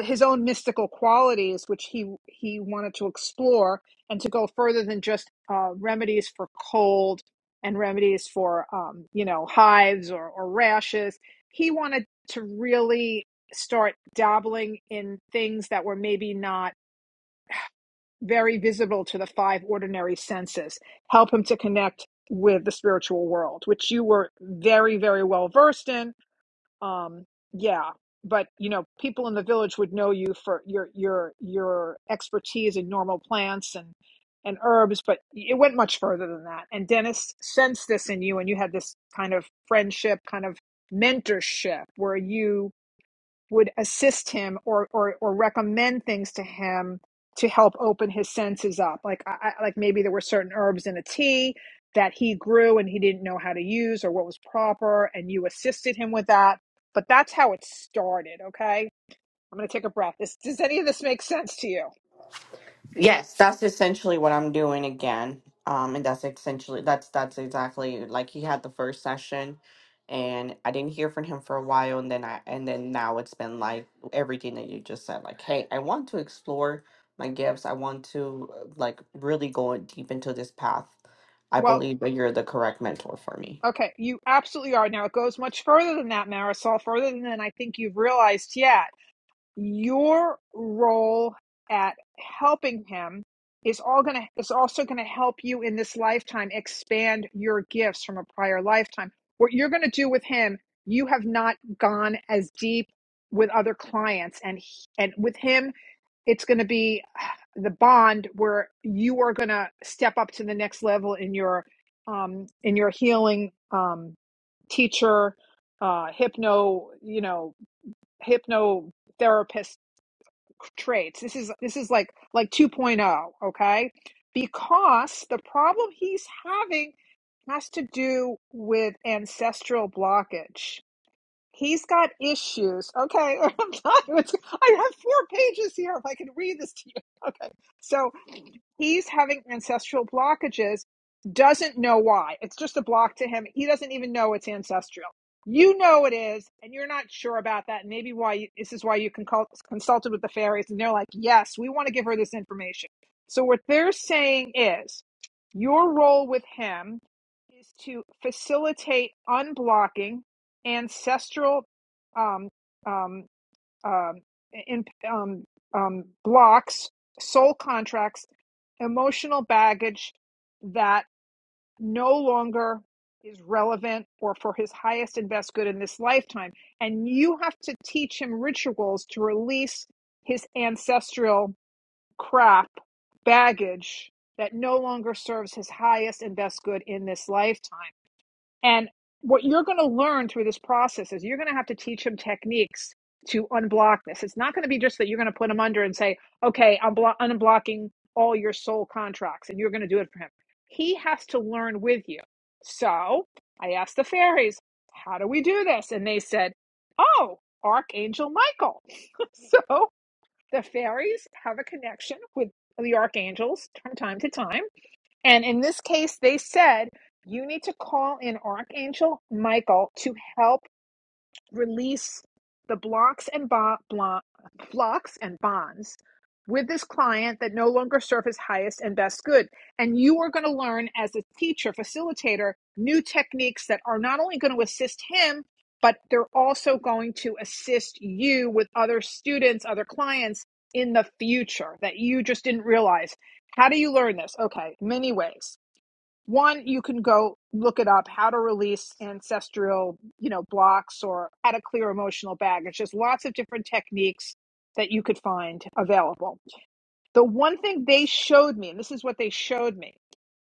Speaker 1: his own mystical qualities, which he he wanted to explore and to go further than just uh, remedies for cold and remedies for um, you know hives or, or rashes. He wanted to really start dabbling in things that were maybe not very visible to the five ordinary senses, help him to connect with the spiritual world, which you were very very well versed in um yeah but you know people in the village would know you for your your your expertise in normal plants and and herbs but it went much further than that and dennis sensed this in you and you had this kind of friendship kind of mentorship where you would assist him or, or or recommend things to him to help open his senses up. Like I, I- like maybe there were certain herbs in a tea that he grew and he didn't know how to use or what was proper, and you assisted him with that. But that's how it started. Okay, I'm gonna take a breath. This, does any of this make sense to you?
Speaker 3: Yes, that's essentially what I'm doing again. Um, and that's essentially that's that's exactly like he had the first session and I didn't hear from him for a while and then I and then now it's been like everything that you just said, like, hey, I want to explore my gifts. I want to uh, like really go deep into this path I
Speaker 1: Well,
Speaker 3: believe that you're the correct mentor for me.
Speaker 1: okay, you absolutely are. Now it goes much further than that, Marisol. Further than I think you've realized yet your role at helping him is all going to is also going to help you in this lifetime expand your gifts from a prior lifetime what you're going to do with him you have not gone as deep with other clients and he- and with him it's going to be the bond where you are going to step up to the next level in your um in your healing um teacher uh hypno you know hypnotherapist traits. This is this is like like 2.0, okay? Because the problem he's having has to do with ancestral blockage. He's got issues. Okay. (laughs) I'm not, I have four pages here. If I can read this to you. (laughs) Okay. So he's having ancestral blockages, doesn't know why. It's just a block to him. He doesn't even know it's ancestral. You know it is, and you're not sure about that. Maybe why you, this is why you consult, consulted with the fairies, and they're like, yes, we want to give her this information. So what they're saying is, your role with him is to facilitate unblocking ancestral um, um, um, in, um, um, blocks, soul contracts, emotional baggage that no longer is relevant or for his highest and best good in this lifetime. And you have to teach him rituals to release his ancestral crap, baggage that no longer serves his highest and best good in this lifetime. And what you're going to learn through this process is you're going to have to teach them techniques to unblock this. It's not going to be just that you're going to put him under and say, okay, I'm blo- unblocking all your soul contracts and you're going to do it for him. He has to learn with you. So I asked the fairies, how do we do this? And they said, oh, Archangel Michael. (laughs) so the fairies have a connection with the archangels from time to time and in this case, they said you need to call in Archangel Michael to help release the blocks and bo- blo- blocks and bonds with this client that no longer serve his highest and best good. And you are going to learn as a teacher, facilitator, new techniques that are not only going to assist him, but they're also going to assist you with other students, other clients in the future that you just didn't realize. How do you learn this? Okay, many ways one, you can go look it up how to release ancestral, you know, blocks or how to clear emotional baggage. There's lots of different techniques that you could find available. The one thing they showed me, and this is what they showed me,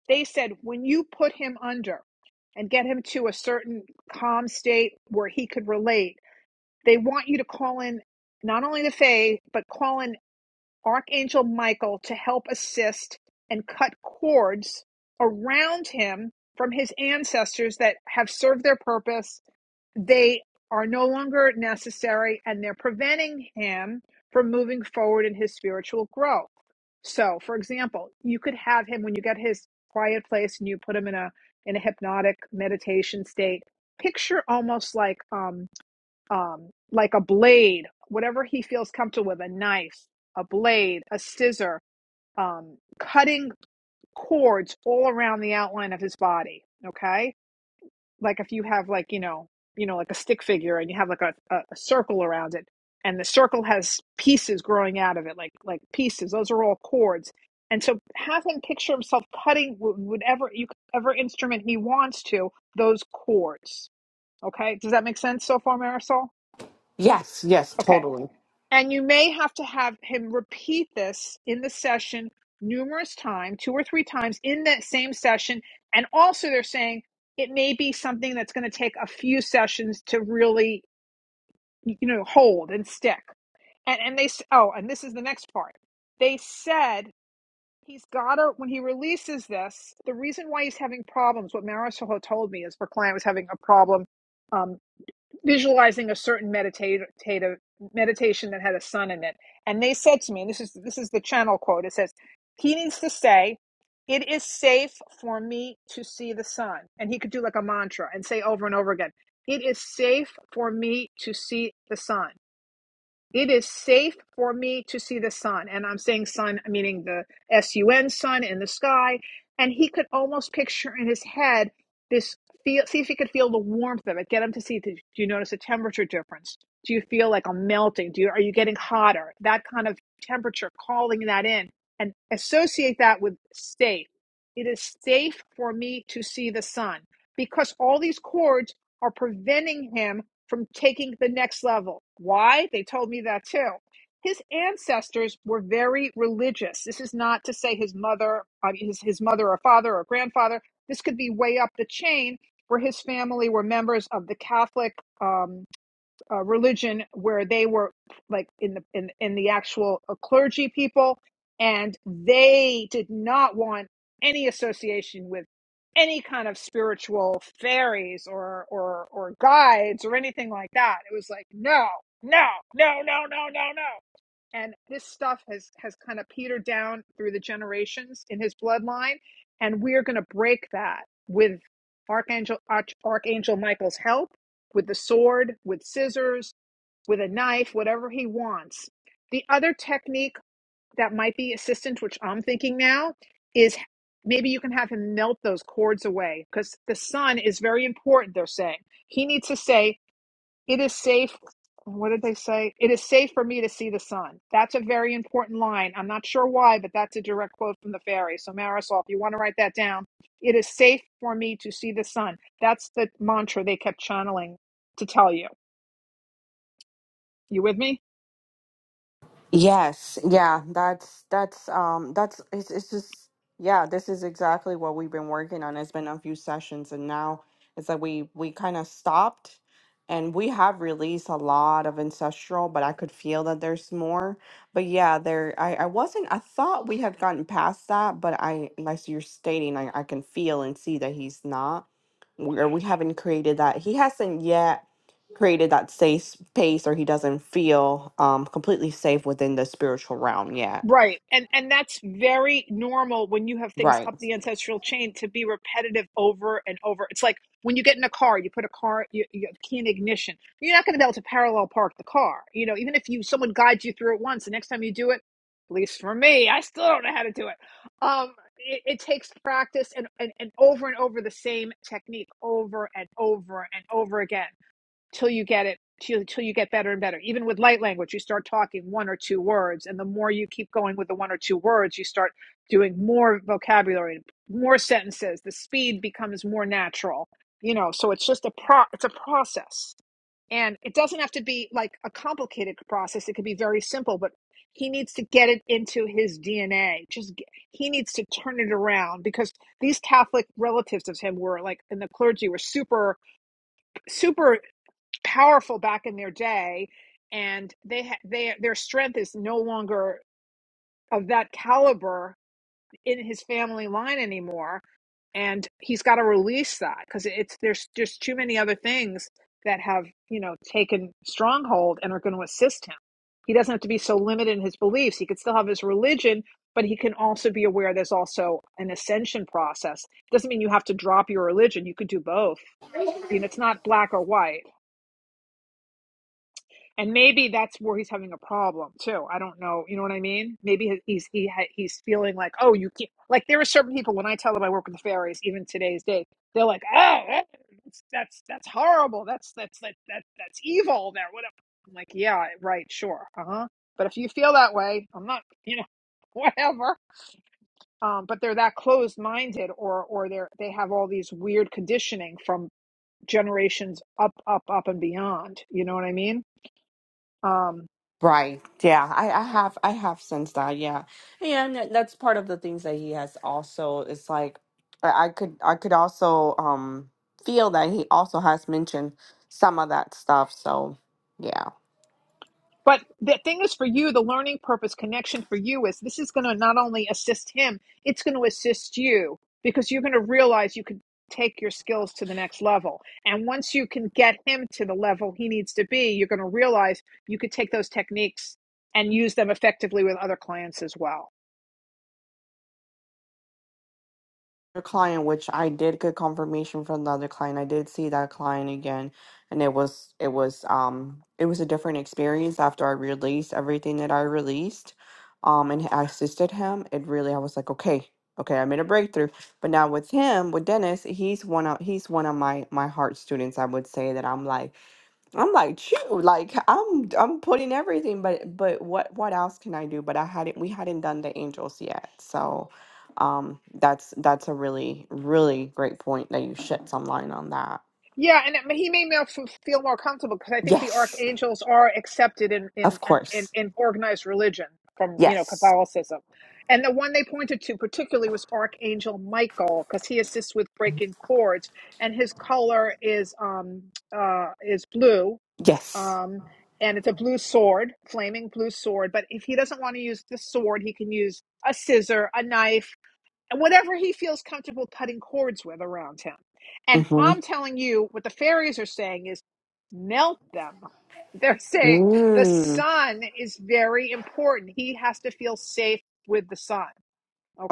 Speaker 1: they said when you put him under and get him to a certain calm state where he could relate, they want you to call in not only the Fae, but call in Archangel Michael to help assist and cut cords around him from his ancestors that have served their purpose. They are no longer necessary and they're preventing him from moving forward in his spiritual growth. So, for example, you could have him when you get his quiet place and you put him in a in a hypnotic meditation state. Picture almost like um, um, like a blade, whatever he feels comfortable with, a knife, a blade, a scissor, um, cutting cords all around the outline of his body. Okay, like if you have like you know you know like a stick figure and you have like a, a, a circle around it, and the circle has pieces growing out of it, like like pieces. Those are all cords. And so have him picture himself cutting wh- whatever you whatever instrument he wants to those cords. Okay, does that make sense so far, Marisol?
Speaker 3: Yes, yes,
Speaker 1: Okay
Speaker 3: totally.
Speaker 1: And you may have to have him repeat this in the session numerous times, two or three times in that same session. And also, they're saying it may be something that's going to take a few sessions to really, you know, hold and stick. And, and they, s- oh, and this is the next part. They said he's got to, when he releases this, the reason why he's having problems, what Marisol had told me is her client was having a problem. um, visualizing a certain meditative meditation that had a sun in it and they said to me and this is this is the channel quote it says he needs to say it is safe for me to see the sun and he could do like a mantra and say over and over again it is safe for me to see the sun it is safe for me to see the sun. And I'm saying sun, meaning the S U N sun in the sky. And he could almost picture in his head this feel, see if he could feel the warmth of it. Get him to see, do you notice a temperature difference? Do you feel like I'm melting? Do you, are you getting hotter? That kind of temperature, calling that in and associate that with safe. It is safe for me to see the sun because all these cords are preventing him from taking the next level. Why? They told me that too. His ancestors were very religious. This is not to say his mother, I mean, his, his mother or father or grandfather. This could be way up the chain where his family were members of the Catholic. um uh, religion where they were like in the in, in the actual uh, clergy people and they did not want any association with any kind of spiritual fairies or or or guides or anything like that it was like no no no no no no no and this stuff has has kind of petered down through the generations in his bloodline and we're going to break that with archangel Arch, archangel michael's help with the sword, with scissors, with a knife, whatever he wants. The other technique that might be assistant, which I'm thinking now, is maybe you can have him melt those cords away because the sun is very important, they're saying. He needs to say, It is safe. What did they say? It is safe for me to see the sun. That's a very important line. I'm not sure why, but that's a direct quote from the fairy. So, Marisol, if you want to write that down, it is safe for me to see the sun. That's the mantra they kept channeling to tell you. You with me?
Speaker 3: Yes, yeah, that's that's um that's it's it's just yeah, this is exactly what we've been working on. It's been a few sessions and now it's like we we kind of stopped and we have released a lot of ancestral, but I could feel that there's more. But yeah, there I I wasn't I thought we had gotten past that, but I like you're stating I I can feel and see that he's not we- or we haven't created that. He hasn't yet created that safe space or he doesn't feel um completely safe within the spiritual realm yet
Speaker 1: Right. And and that's very normal when you have things
Speaker 3: right
Speaker 1: up the ancestral chain to be repetitive over and over. It's like when you get in a car, you put a car you, you have key in ignition. You're not going to be able to parallel park the car. You know, even if you someone guides you through it once, the next time you do it, at least for me, I still don't know how to do it. Um it, it takes practice and, and and over and over the same technique over and over and over again. till you get it till, till you get better and better even with light language you start talking one or two words and the more you keep going with the one or two words you start doing more vocabulary more sentences the speed becomes more natural you know so it's just a pro it's a process and it doesn't have to be like a complicated process it could be very simple but he needs to get it into his dna just he needs to turn it around because these catholic relatives of him were like and the clergy were super super powerful back in their day, and they ha- they their strength is no longer of that caliber in his family line anymore, and he's got to release that because it's there's just too many other things that have you know taken stronghold and are going to assist him. He doesn't have to be so limited in his beliefs. He could still have his religion, but he can also be aware there's also an ascension process. It Doesn't mean you have to drop your religion. You could do both. You know, it's not black or white And maybe that's where he's having a problem too. I don't know. You know what I mean? Maybe he's he ha- he's feeling like, oh, you can't. Like there are certain people when I tell them I work with the fairies, even today's day, they're like, oh, that- that's that's that's horrible. That's that's that that that's evil. There, whatever. I'm like, yeah, right, sure, uh huh. But if you feel that way, I'm not, you know, (laughs) whatever. Um, but they're that closed-minded, or or they're they have all these weird conditioning from generations up, up, up, and beyond. You know what I mean? Um.
Speaker 3: right yeah i i have i have sensed that yeah and that- that's part of the things that he has also it's like i I could i could also um feel that he also has mentioned some of that stuff so yeah
Speaker 1: But the thing is, for you, the learning purpose connection for you is this is going to not only assist him, it's going to assist you because you're going to realize you could take your skills to the next level. And once you can get him to the level he needs to be, you're going to realize you could take those techniques and use them effectively with other clients as well.
Speaker 3: client, which I did get confirmation from the other client. I did see that client again, and it was it was um it was a different experience after I released everything that I released, um, and I assisted him. It really I was like, okay, okay, I made a breakthrough. But now with him, with Dennis, he's one of he's one of my my heart students. I would say that I'm like. I'm like, phew, like I'm I'm putting everything, but but what what else can I do? But I hadn't we hadn't done the angels yet. So um that's that's a really, really great point that you shed some light on that.
Speaker 1: Yeah, and it, he made me feel more comfortable because I think the
Speaker 3: Yes,
Speaker 1: archangels are accepted in, in
Speaker 3: of
Speaker 1: in
Speaker 3: course.
Speaker 1: in organized religion from you know
Speaker 3: Yes.
Speaker 1: Catholicism, and the one they pointed to particularly was Archangel Michael because he assists with breaking cords, and his color is um uh is blue
Speaker 3: Yes.
Speaker 1: um and it's a blue sword, flaming blue sword. But if he doesn't want to use the sword, he can use a scissor, a knife whatever he feels comfortable cutting cords with around him. And I'm
Speaker 3: Mm-hmm.
Speaker 1: telling you, what the fairies are saying is melt them. (laughs) They're saying the
Speaker 3: Mm.
Speaker 1: sun is very important. He has to feel safe with the sun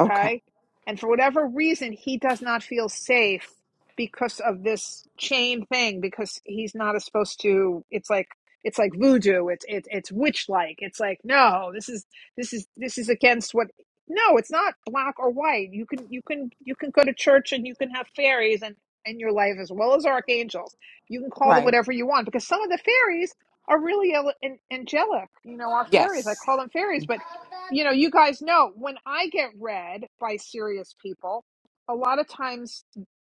Speaker 3: Okay.
Speaker 1: And for whatever reason, he does not feel safe because of this chain thing because he's not supposed to it's like it's like voodoo it's it's it's witch like it's like no this is this is this is against what no it's not black or white you can you can you can go to church and you can have fairies and in your life as well as archangels you can call them
Speaker 3: Right.
Speaker 1: whatever you want because some of the fairies are really angelic you know our fairies
Speaker 3: Yes.
Speaker 1: i call them fairies but you know, you guys know when I get read by serious people, a lot of times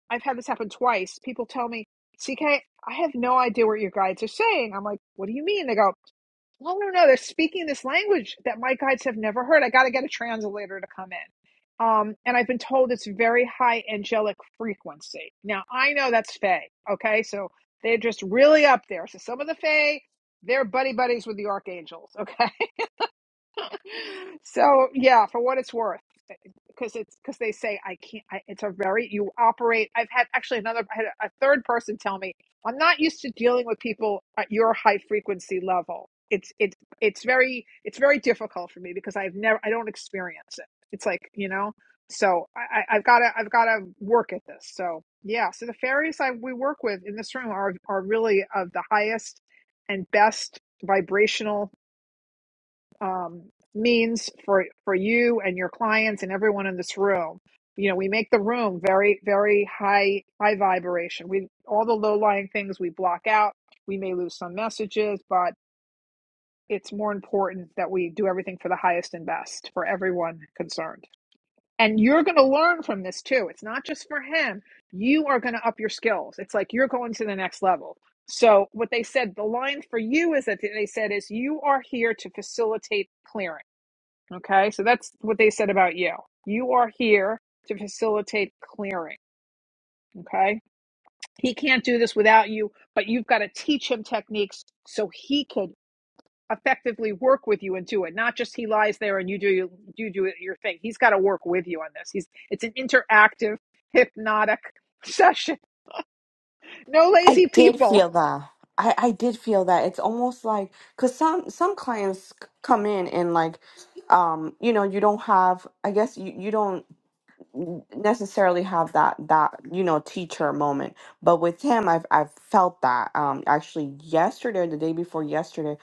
Speaker 1: I've had this happen twice. People tell me, CK, I have no idea what your guides are saying. I'm like, what do you mean? They go, well, no, no, they're speaking this language that my guides have never heard. I got to get a translator to come in. Um, and I've been told it's very high angelic frequency. Now, I know that's Fae, okay? So they're just really up there. So some of the Fae, they're buddy buddies with the archangels, (laughs) okay? So yeah, for what it's worth, because it's because they say I can't. I, it's a very you operate. I've had actually another. I had a a third person tell me I'm not used to dealing with people at your high frequency level. It's it's it's very it's very difficult for me because I've never I don't experience it. It's like you know. So I, I- I've got to I've got to work at this. So yeah. So the fairies I we work with in this room are are really of the highest and best vibrational um, means for for you and your clients and everyone in this room. You know, we make the room very very high high vibration. We all the low lying things we block out. We may lose some messages, but it's more important that we do everything for the highest and best for everyone concerned. And you're going to learn from this too. It's not just for him. You are going to up your skills. It's like you're going to the next level. So what they said, the line for you is that they said is you are here to facilitate clearing. Okay, so that's what they said about you. You are here to facilitate clearing. Okay, he can't do this without you, but you've got to teach him techniques so he could effectively work with you and do it. Not just he lies there and you do you do your thing. He's got to work with you on this. He's it's an interactive, hypnotic (laughs) session. No
Speaker 3: I
Speaker 1: lazy
Speaker 3: did
Speaker 1: people.
Speaker 3: feel that. I, I did feel that. It's almost like because some some clients c- come in and like, um, you know, you don't have. I guess you you don't necessarily have that that you know teacher moment. But with him, I've I've felt that. Um, actually, yesterday or the day before yesterday,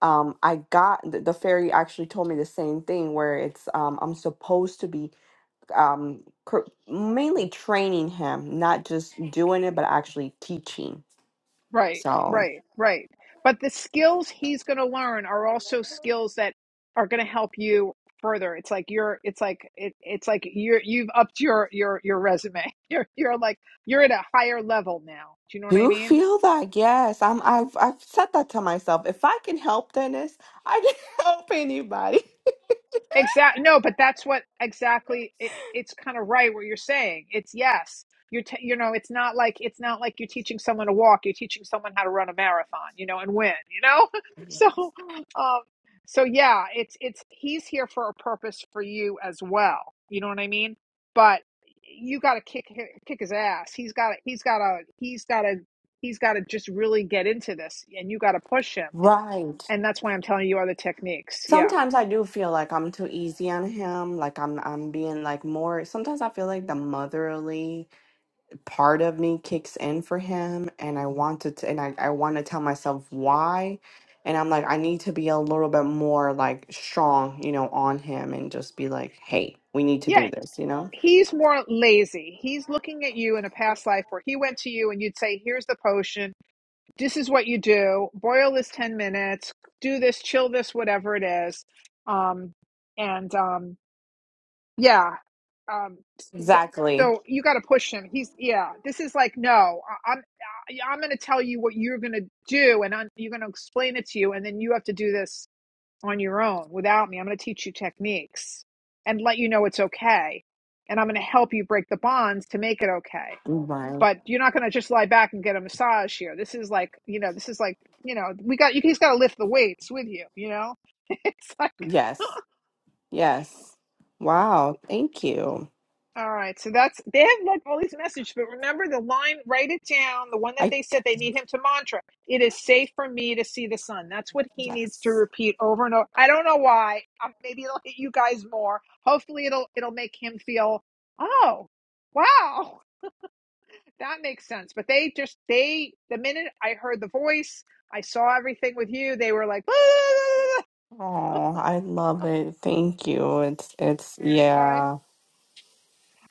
Speaker 3: um, I got the, the fairy actually told me the same thing where it's um I'm supposed to be um cr- mainly training him, not just doing it, but actually teaching.
Speaker 1: Right,
Speaker 3: So.
Speaker 1: right, right. But the skills he's going to learn are also skills that are going to help you further. It's like you're, it's like it, it's like you're, you've upped your your your resume. (laughs) You're you're like you're at a higher level now. Do you know what I
Speaker 3: do
Speaker 1: mean?
Speaker 3: feel that yes i'm i've i've said that to myself if i can help dennis i can (laughs) help anybody
Speaker 1: Exactly. No, but that's what exactly it, it's kind of right what you're saying. It's yes. You're t- you know, it's not like it's not like you're teaching someone to walk, you're teaching someone how to run a marathon, you know, and win, you know? (laughs) So um so yeah, it's it's he's here for a purpose for you as well. You know what I mean? But you got to kick hi- kick his ass. He's got to he's got to he's got to he's got to just really get into this and you got to push him.
Speaker 3: right
Speaker 1: And that's why I'm telling you other techniques. Yeah.
Speaker 3: sometimes i do feel like i'm too easy on him like i'm i'm being like more sometimes i feel like the motherly part of me kicks in for him and i want to t- and i, I want to tell myself why and i'm like i need to be a little bit more like strong you know on him and just be like hey we need to
Speaker 1: Yeah,
Speaker 3: do this you know
Speaker 1: he's more lazy. He's looking at you in a past life where he went to you and you'd say, Here's the potion. This is what you do. Boil this 10 minutes. Do this, chill this, whatever it is. Um, and um, yeah. Um, th-
Speaker 3: exactly
Speaker 1: so you got to push him. He's, yeah, this is like, no, I- I'm, I- I'm going to tell you what you're going to do and I'm, you're going to explain it to you. And then you have to do this on your own without me. I'm going to teach you techniques and let you know it's okay. And I'm going to help you break the bonds to make it okay.
Speaker 3: right
Speaker 1: But you're not going to just lie back and get a massage here. This is like, you know, this is like, you know, we got, you just got to lift the weights with you, you know? (laughs) it's like,
Speaker 3: yes Yes. Wow. Thank you.
Speaker 1: All right, so that's they have like all these messages, but remember the line, write it down, the one that
Speaker 3: I
Speaker 1: they said they need him to mantra. It is safe for me to see the sun. That's what he needs to
Speaker 3: yes.
Speaker 1: repeat over and over. I don't know why. Uh, Maybe it'll hit you guys more. Hopefully it'll it'll make him feel, "Oh, wow. That makes sense." But they just they the minute I heard the voice, I saw everything with you, they were like, "Ah."
Speaker 3: Oh, I love it. Thank you. It's it's
Speaker 1: "All right."
Speaker 3: yeah.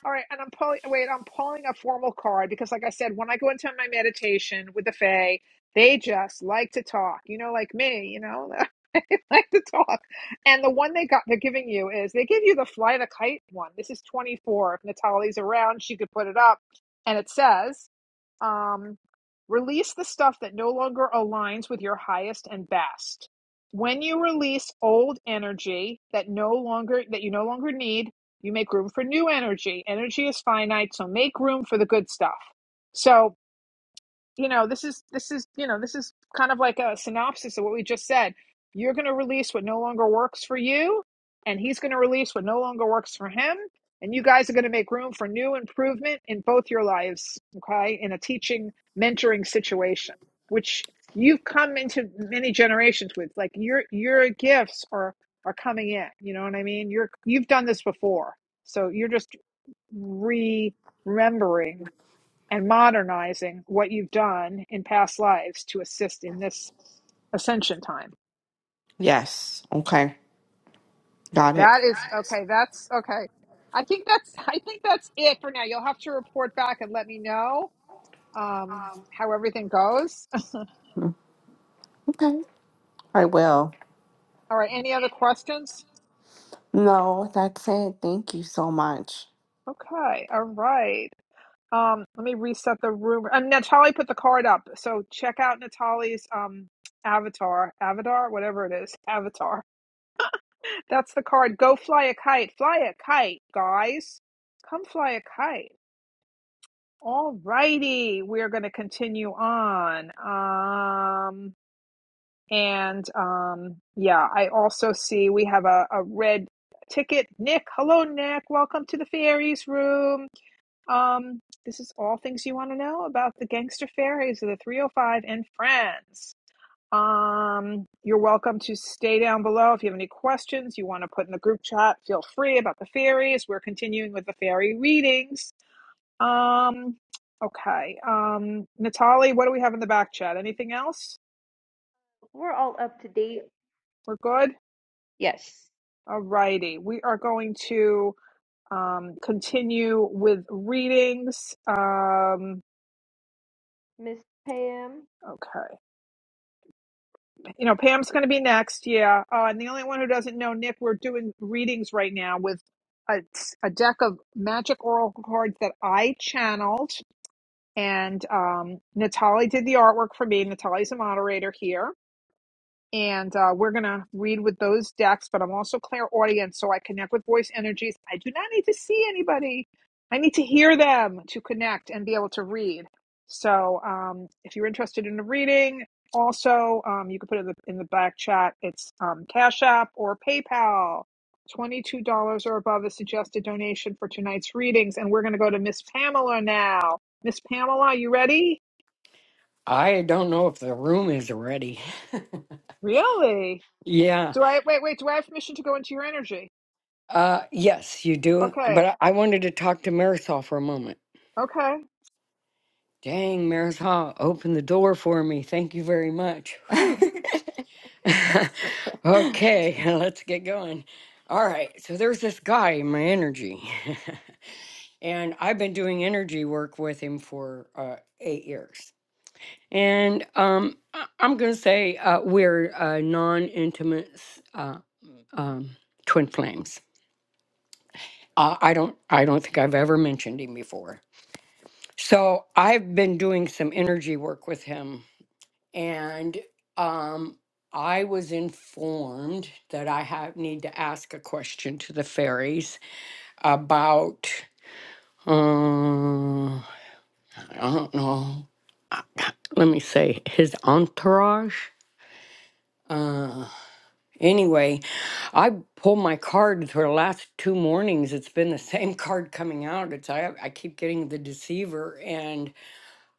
Speaker 1: All right, and I'm pulling. Wait, I'm pulling a formal card because, like I said, when I go into my meditation with the Fae, they just like to talk. You know, like me. You know, (laughs) they like to talk. And the one they got, they're giving you is they give you the fly the kite one. This is 24. If Natalie's around, she could put it up, and it says. Um, release the stuff that no longer aligns with your highest and best. When you release old energy that no longer that you no longer need, you make room for new energy. Energy is finite, so make room for the good stuff. So you know this is this is you know this is kind of like a synopsis of what we just said you're going to release what no longer works for you and he's going to release what no longer works for him and you guys are going to make room for new improvement in both your lives okay in a teaching mentoring situation which you've come into many generations with like your your gifts are are coming in you know what i mean you're you've done this before so you're just re remembering and modernizing what you've done in past lives to assist in this ascension time.
Speaker 3: Yes. Okay. Got it.
Speaker 1: That is okay. That's okay. I think that's (laughs) I think that's it for now. You'll have to report back and let me know um, how everything goes. (laughs)
Speaker 3: Okay. I will.
Speaker 1: All right. Any other questions?
Speaker 3: No, that's it. Thank you so much.
Speaker 1: Okay. All right. Um, let me reset the room. And Natalie put the card up, so check out Natalie's um avatar, avatar, whatever it is, avatar That's the card. Go fly a kite. Fly a kite, guys. Come fly a kite. All righty. We're going to continue on. Um, and um, yeah, I also see we have a, a red ticket. Nick, hello, Nick. Welcome to the fairies room. Um, this is all things you want to know about the gangster fairies of the 305 and friends. Um, you're welcome to stay down below if you have any questions you want to put in the group chat. Feel free about the fairies. We're continuing with the fairy readings. Um, okay. Um, Natalie, what do we have in the back chat? Anything else?
Speaker 2: We're all up to date,
Speaker 1: We're good.
Speaker 2: yes.
Speaker 1: All righty. We are going to um, continue with readings. Um,
Speaker 2: Miss Pam.
Speaker 1: okay. You know, Pam's going to be next. Yeah. Uh, and the only one who doesn't know, Nick, we're doing readings right now with a, a deck of magic oracle cards that I channeled. And um, Natalie did the artwork for me. Natalie's a moderator here and uh, we're going to read with those decks but i'm also clear audience so i connect with voice energies i do not need to see anybody i need to hear them to connect and be able to read so um, if you're interested in a reading also um, you can put it in the, in the back chat it's um, cash app or paypal $22 or above is suggested donation for tonight's readings and we're going to go to miss pamela now miss pamela you ready
Speaker 5: I don't know if the room is ready.
Speaker 1: really
Speaker 5: Yeah.
Speaker 1: do i wait wait do i have permission to go into your energy
Speaker 5: Uh yes, you do.
Speaker 1: Okay.
Speaker 5: But I I wanted to talk to Marisol for a moment.
Speaker 1: Okay.
Speaker 5: Dang, Marisol, open the door for me. Thank you very much. Whew. (laughs)
Speaker 3: (laughs)
Speaker 5: okay, (laughs) let's get going. All right, so there's this guy in my energy. (laughs) and I've been doing energy work with him for uh, eight years. And um, I- I'm going to say uh, we're uh, non-intimate s- uh, um, twin flames. Uh, I don't, I don't think I've ever mentioned him before. So I've been doing some energy work with him, and um, I was informed that I have need to ask a question to the fairies about. uh, I don't know. I- Let me say his entourage. Uh, anyway, I pulled my card for the last two mornings. It's been the (laughs) same card coming out. It's I, I keep getting the deceiver, and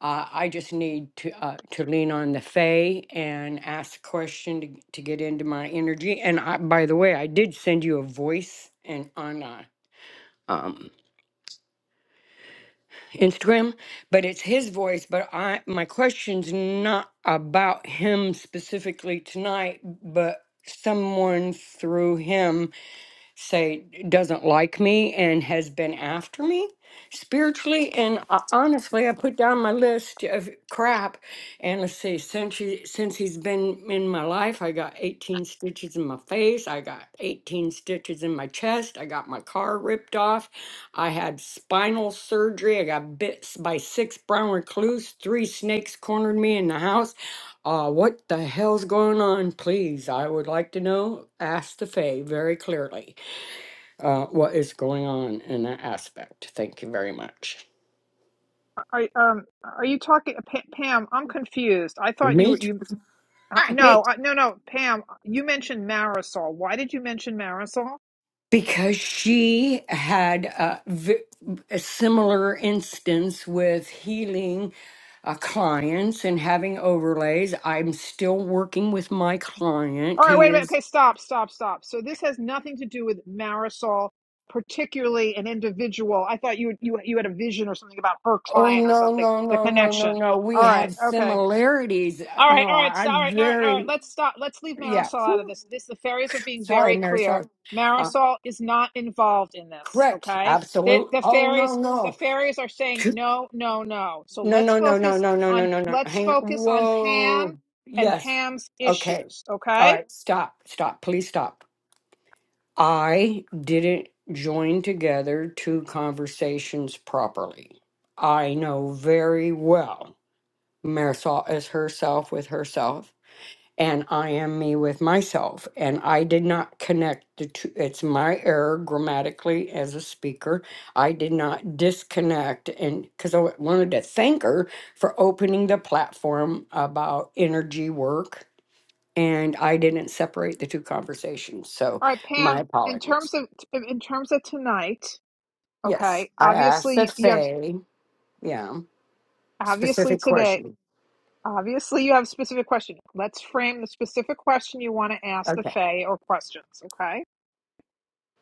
Speaker 5: uh, I just need to uh, to lean on the fay and ask a question to, to get into my energy. And I, by the way, I did send you a voice and on uh, um Instagram, but it's his voice. But I my question's not about him specifically tonight, but someone through him say doesn't like me and has been after me spiritually and uh, honestly i put down my list of crap and let's see since he since he's been in my life i got 18 stitches in my face i got 18 stitches in my chest i got my car ripped off i had spinal surgery i got bit by six brown recluse three snakes cornered me in the house uh, what the hell's going on please i would like to know ask the fae very clearly uh, what is going on in that aspect. Thank you very much.
Speaker 1: Are um are you talking Pa- Pam? I'm confused. I thought you
Speaker 5: Me
Speaker 1: were
Speaker 5: too.
Speaker 1: you. Uh,
Speaker 5: Hi.
Speaker 1: no,
Speaker 5: Me.
Speaker 1: uh, no, no, Pam. You mentioned Marisol. Why did you mention Marisol?
Speaker 5: Because she had a, v- a similar instance with healing uh, clients and having overlays. I'm still working with my client.
Speaker 1: All right,
Speaker 5: He
Speaker 1: wait a minute.
Speaker 5: is.
Speaker 1: Okay, stop, stop, stop. So this has nothing to do with Marisol, particularly an individual. I thought you you you had a vision or something about her
Speaker 5: Oh,
Speaker 1: client or
Speaker 5: no,
Speaker 1: something.
Speaker 5: no,
Speaker 1: The
Speaker 5: no, no, no,
Speaker 1: connection.
Speaker 5: no. We
Speaker 1: All right.
Speaker 5: have
Speaker 1: Okay.
Speaker 5: similarities. Uh,
Speaker 1: All right,
Speaker 5: No,
Speaker 1: all right,
Speaker 5: I-
Speaker 1: so-
Speaker 5: I'm
Speaker 1: all right, all right, all right.
Speaker 5: very,
Speaker 1: Let's stop. Let's leave
Speaker 5: yeah.
Speaker 1: Marisol out of
Speaker 5: Whew.
Speaker 1: this. This the fairies are being
Speaker 5: Sorry,
Speaker 1: very
Speaker 5: Mary.
Speaker 1: clear.
Speaker 5: Sorry. Uh,
Speaker 1: Marisol is not involved in this.
Speaker 5: correct.
Speaker 1: Okay, the,
Speaker 5: Absolute.
Speaker 1: the
Speaker 5: Oh, no,
Speaker 1: fairies, the
Speaker 5: no.
Speaker 1: fairies are saying no, no, no. So
Speaker 5: No,
Speaker 1: let's
Speaker 5: no, no, no,
Speaker 1: focus
Speaker 5: no, no, no,
Speaker 1: on
Speaker 5: no, no.
Speaker 1: let's
Speaker 5: Hang on.
Speaker 1: focus on Pam
Speaker 5: Whoa.
Speaker 1: and
Speaker 5: Yes.
Speaker 1: Pam's
Speaker 5: Okay.
Speaker 1: issues.
Speaker 5: All
Speaker 1: Okay,
Speaker 5: right. Stop. Stop. Please stop. I didn't join together two conversations properly. I know very well Marisol is herself with herself and I am me with myself. And I did not connect the two. It's my error grammatically as a speaker. I did not disconnect, and because I wanted to thank her for opening the platform about energy work, and I didn't separate the two conversations. So
Speaker 1: all right,
Speaker 5: my
Speaker 1: Pam. In
Speaker 5: apologies.
Speaker 1: terms of in terms of tonight,
Speaker 5: Yes,
Speaker 1: okay.
Speaker 5: I asked a
Speaker 1: Obviously, you have
Speaker 5: Faye, yeah,
Speaker 1: obviously
Speaker 5: specific
Speaker 1: today.
Speaker 5: question.
Speaker 1: Obviously, you have a specific question. Let's frame the specific question you want to ask the
Speaker 5: Okay.
Speaker 1: Fae or questions, okay?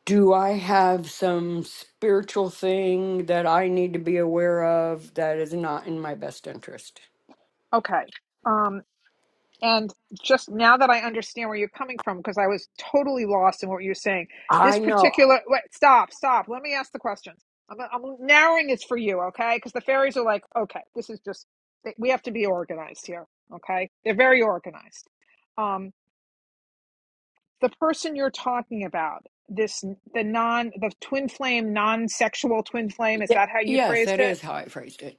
Speaker 5: Do I have some spiritual thing that I need to be aware of that is not in my best interest?
Speaker 1: Okay. Um, and just now that I understand where you're coming from, because I was totally lost in what you were saying, this
Speaker 5: I know.
Speaker 1: particular. Wait, stop, stop. Let me ask the questions. I'm, I'm narrowing this for you, okay? Because the fairies are like, okay, this is just. We have to be organized here, okay? They're very organized. um. the person you're talking about this the non the twin flame non-sexual twin flame is
Speaker 5: Ye-
Speaker 1: that how you
Speaker 5: Yes,
Speaker 1: phrased
Speaker 5: that
Speaker 1: it
Speaker 5: is how I phrased it.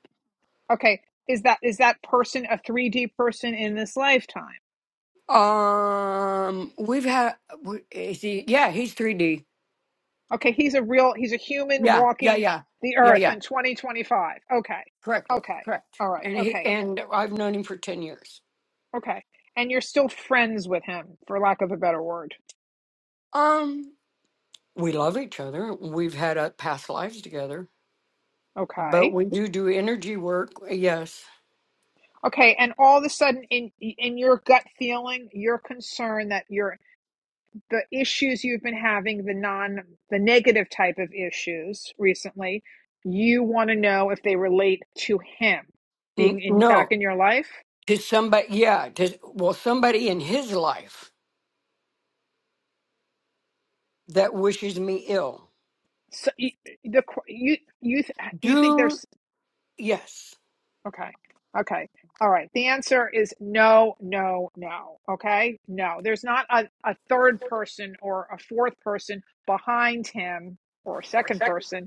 Speaker 1: okay is that is that person a 3d person in this lifetime
Speaker 5: Um, we've had, w- is he, yeah, he's 3D.
Speaker 1: okay he's a real he's a human
Speaker 5: Yeah, yeah,
Speaker 1: walking
Speaker 5: yeah,
Speaker 1: the
Speaker 5: yeah,
Speaker 1: earth
Speaker 5: yeah.
Speaker 1: in 2025 okay
Speaker 5: Correct,
Speaker 1: okay
Speaker 5: correct.
Speaker 1: all right
Speaker 5: And he,
Speaker 1: okay
Speaker 5: and I've known him for 10 years.
Speaker 1: okay and you're still friends with him for lack of a better word
Speaker 5: Um, we love each other. We've had uh, past lives together, but
Speaker 1: okay
Speaker 5: we do do energy work. Yes.
Speaker 1: okay and all of a sudden in in your gut feeling your concern that you're the issues you've been having, the non the negative type of issues recently, you want to know if they relate to him being
Speaker 5: N-
Speaker 1: in back
Speaker 5: no.
Speaker 1: in your life.
Speaker 5: to somebody yeah to well somebody in his life that wishes me ill
Speaker 1: So you, the you you th- you think
Speaker 5: do
Speaker 1: there's
Speaker 5: yes
Speaker 1: okay. Okay. All right. The answer is no, no, no. Okay? No. There's not a, a third person or a fourth person behind him or a
Speaker 5: Or
Speaker 1: second
Speaker 5: second.
Speaker 1: person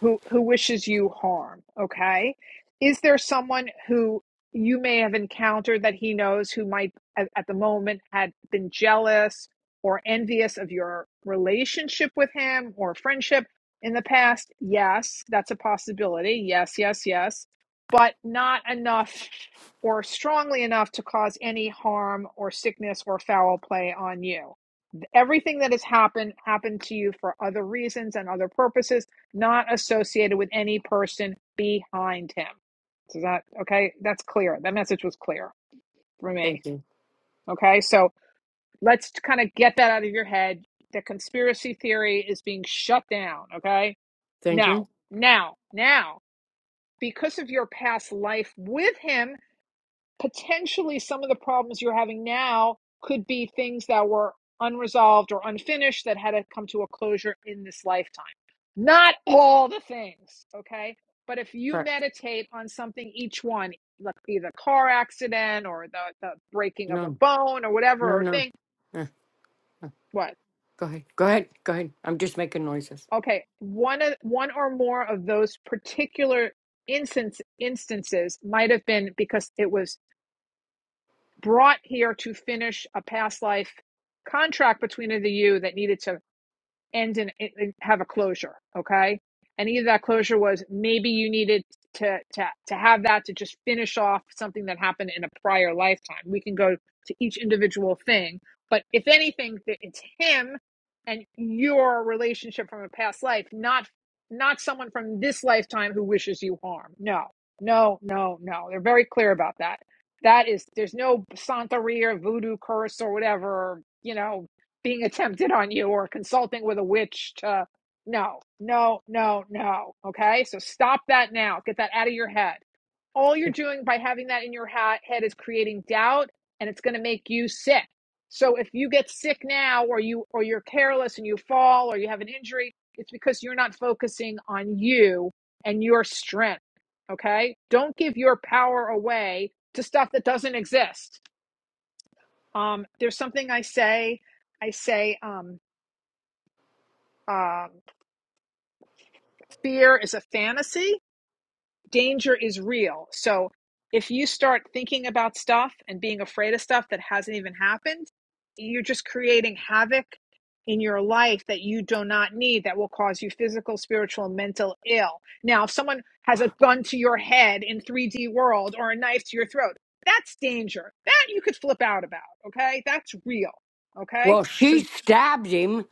Speaker 1: who who wishes you harm okay is there someone who you may have encountered that he knows who might at, at the moment had been jealous or envious of your relationship with him or friendship in the past yes that's a possibility yes yes yes but not enough or strongly enough to cause any harm or sickness or foul play on you Everything that has happened happened to you for other reasons and other purposes, not associated with any person behind him. Is that okay? That's clear. That message was clear for me.
Speaker 5: thank you
Speaker 1: Okay, so let's kind of get that out of your head. The conspiracy theory is being shut down. Okay,
Speaker 5: thank
Speaker 1: now,
Speaker 5: you
Speaker 1: now, now, because of your past life with him potentially some of the problems you're having now could be things that were unresolved or unfinished that had to come to a closure in this lifetime. Not all the things, okay? But if you
Speaker 5: correct
Speaker 1: meditate on something, each one, like either car accident or the, the breaking of a
Speaker 5: no
Speaker 1: bone or whatever
Speaker 5: no
Speaker 1: or
Speaker 5: no
Speaker 1: thing,
Speaker 5: Uh, uh,
Speaker 1: what?
Speaker 5: go ahead go ahead go ahead i'm just making noises
Speaker 1: Okay, one of one or more of those particular instance instances might have been because it was brought here to finish a past life contract between the you that needed to end in, in, have a closure okay and either that closure was maybe you needed to to to have that to just finish off something that happened in a prior lifetime we can go to each individual thing but if anything th- it's him and your relationship from a past life not not someone from this lifetime who wishes you harm no no no no they're very clear about that that is there's no santeria voodoo curse or whatever you know being attempted on you or consulting with a witch to no, no, no, no. Okay? So stop that now. Get that out of your head. All you're doing by having that in your ha- head is creating doubt and it's going to make you sick. So if you get sick now or you or you're careless and you fall or you have an injury, it's because you're not focusing on you and your strength, okay? Don't give your power away to stuff that doesn't exist. Um there's something I say I say um um, fear is a fantasy, danger is real. So if you start thinking about stuff and being afraid of stuff that hasn't even happened, you're just creating havoc in your life that you do not need that will cause you physical, spiritual, and mental ill. Now, if someone has a gun to your head in 3D world or a knife to your throat, that's danger. That you could flip out about, okay? That's real, okay?
Speaker 5: well
Speaker 1: So
Speaker 5: she stabbed him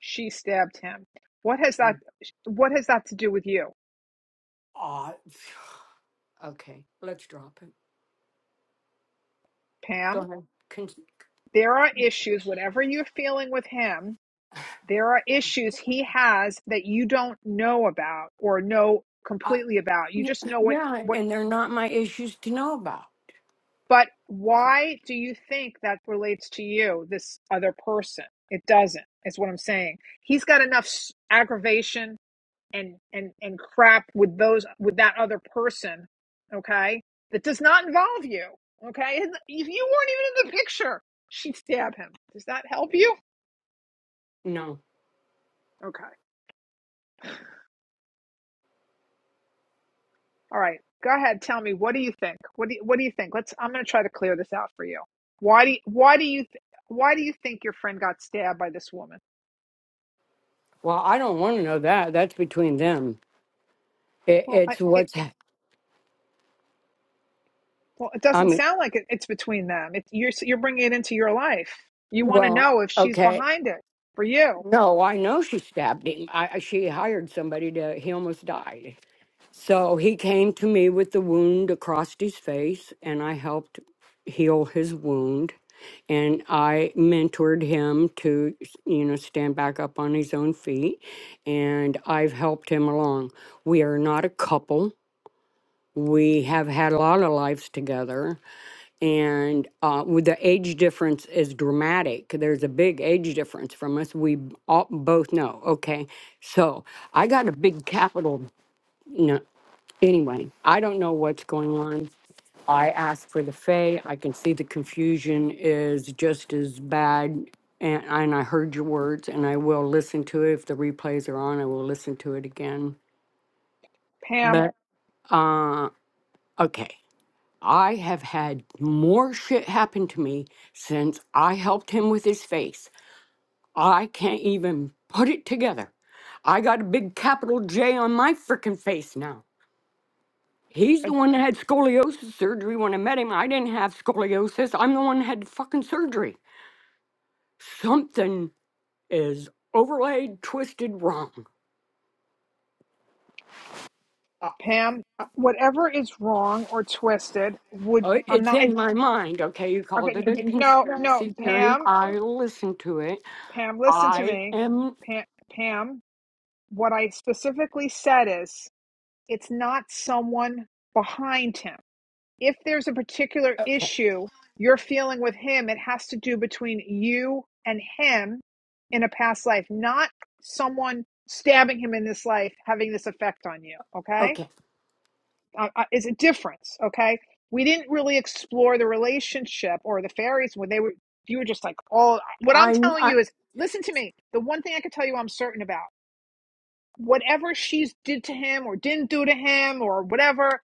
Speaker 1: she stabbed him. What has that
Speaker 5: Mm.
Speaker 1: what has that to do with you?
Speaker 5: uh, okay let's drop it go
Speaker 1: Pam,
Speaker 5: ahead Con-
Speaker 1: there are issues, whatever you're feeling with him, there are issues he has that you don't know about or know
Speaker 5: uh,
Speaker 1: completely about. You
Speaker 5: yeah,
Speaker 1: just know what,
Speaker 5: yeah
Speaker 1: what,
Speaker 5: and they're not my issues to know about
Speaker 1: but
Speaker 5: Correct.
Speaker 1: why do you think that relates to you, this other person? It doesn't, is what I'm saying. He's got enough s- aggravation and, and, and crap with those, with that other person. Okay. That does not involve you. Okay. And if you weren't even in the picture, she'd stab him. Does that help you?
Speaker 5: no
Speaker 1: Okay. All right, go ahead. Tell me what do you think? What do you, what do you think? Let's. I'm going to try to clear this out for you. Why do you, why do you th- why do you think your friend got stabbed by this woman?
Speaker 5: well i don't want to know that that's between them it,
Speaker 1: Well, I,
Speaker 5: it's
Speaker 1: it,
Speaker 5: what's
Speaker 1: it, well, it
Speaker 5: I
Speaker 1: doesn't
Speaker 5: mean,
Speaker 1: sound like it, it's between them. It, you're you're bringing it into your life. You want to
Speaker 5: well,
Speaker 1: know if she's
Speaker 5: okay.
Speaker 1: behind it for you,
Speaker 5: No, I know she stabbed him. I, I- she hired somebody to, he almost died. So he came to me with the wound across his face, and I helped heal his wound. And I mentored him to, you know, stand back up on his own feet. And I've helped him along. We are not a couple. We have had a lot of lives together. and uh, with the age difference is dramatic. There's a big age difference from us. We b- all both know. Okay, so I got a big capital. No, anyway, I don't know what's going on. I asked for the Fay. I can see the confusion is just as bad. And, and I heard your words, and I will listen to it. If the replays are on, I will listen to it again.
Speaker 1: Pam.
Speaker 5: But uh, okay, I have had more shit happen to me since I helped him with his face. I can't even put it together. I got a big capital J on my frickin' face now. He's
Speaker 1: Uh,
Speaker 5: the one that had scoliosis surgery when I met him. I didn't have scoliosis. I'm the one that had fucking surgery. Something is overlaid, twisted, wrong. Uh,
Speaker 1: Pam,
Speaker 5: uh,
Speaker 1: whatever is wrong or twisted would
Speaker 5: uh,
Speaker 1: I'm
Speaker 5: it's
Speaker 1: not. It,
Speaker 5: in my mind. Okay, you
Speaker 1: okay,
Speaker 5: called it a
Speaker 1: no, no,
Speaker 5: conspiracy theory.
Speaker 1: Pam.
Speaker 5: I listened to it.
Speaker 1: Pam, listen to
Speaker 5: I
Speaker 1: me.
Speaker 5: am
Speaker 1: Pam, Pam. What I specifically said is It's not someone behind him. If there's a particular
Speaker 5: okay.
Speaker 1: issue you're feeling with him, it has to do between you and him in a past life, not someone stabbing him in this life having this effect on you. Okay?
Speaker 5: Okay.
Speaker 1: Uh, uh, it's a difference. Okay? We didn't really explore the relationship or the fairies when they were, you were just like, oh, what I'm
Speaker 5: I'm,
Speaker 1: telling
Speaker 5: I,
Speaker 1: you is listen to me. The one thing I can tell you I'm certain about whatever she's did to him or didn't do to him or whatever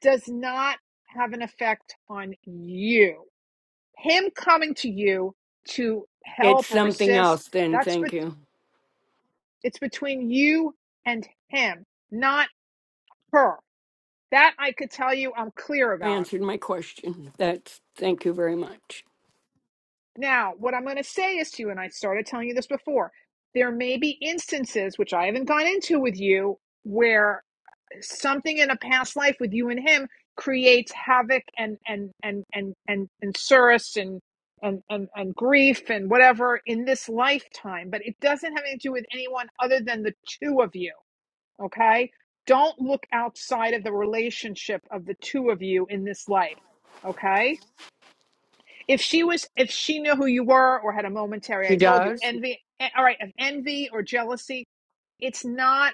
Speaker 1: does not have an effect on you. Him coming to you to
Speaker 5: it's
Speaker 1: help or
Speaker 5: something
Speaker 1: assist,
Speaker 5: else then.
Speaker 1: that's bet
Speaker 5: Thank you.
Speaker 1: it's between you and him, not her. That I could tell you I'm clear
Speaker 5: I
Speaker 1: about.
Speaker 5: answered my question. That's, thank you very much.
Speaker 1: Now, what I'm going to say is to you, and I started telling you this before, there may be instances, which I haven't gone into with you, where. something in a past life with you and him creates havoc and and and and and and surus and and and and grief and whatever in this lifetime but it doesn't have anything to do with anyone other than the two of you okay don't look outside of the relationship of the two of you in this life okay if she was if she knew who you were or had a momentary i
Speaker 5: She
Speaker 1: told you
Speaker 5: does?
Speaker 1: envy eh, all right of envy or jealousy it's not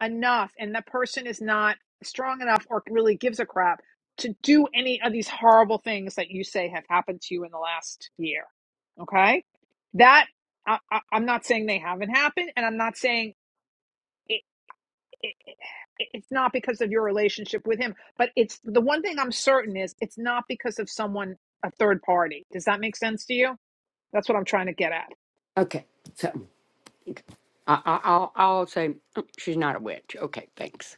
Speaker 1: enough and the person is not strong enough or really gives a crap to do any of these horrible things that you say have happened to you in the last year. Okay? That I, I, I'm not saying they haven't happened and I'm not saying it, it, it- it's not because of your relationship with him, but it's the one thing I'm certain is it's not because of someone a third party. Does that make sense to you? That's what I'm trying to get at.
Speaker 5: Okay. So I, I, I'll, I'll say "Mm, she's not a witch. Okay. Thanks.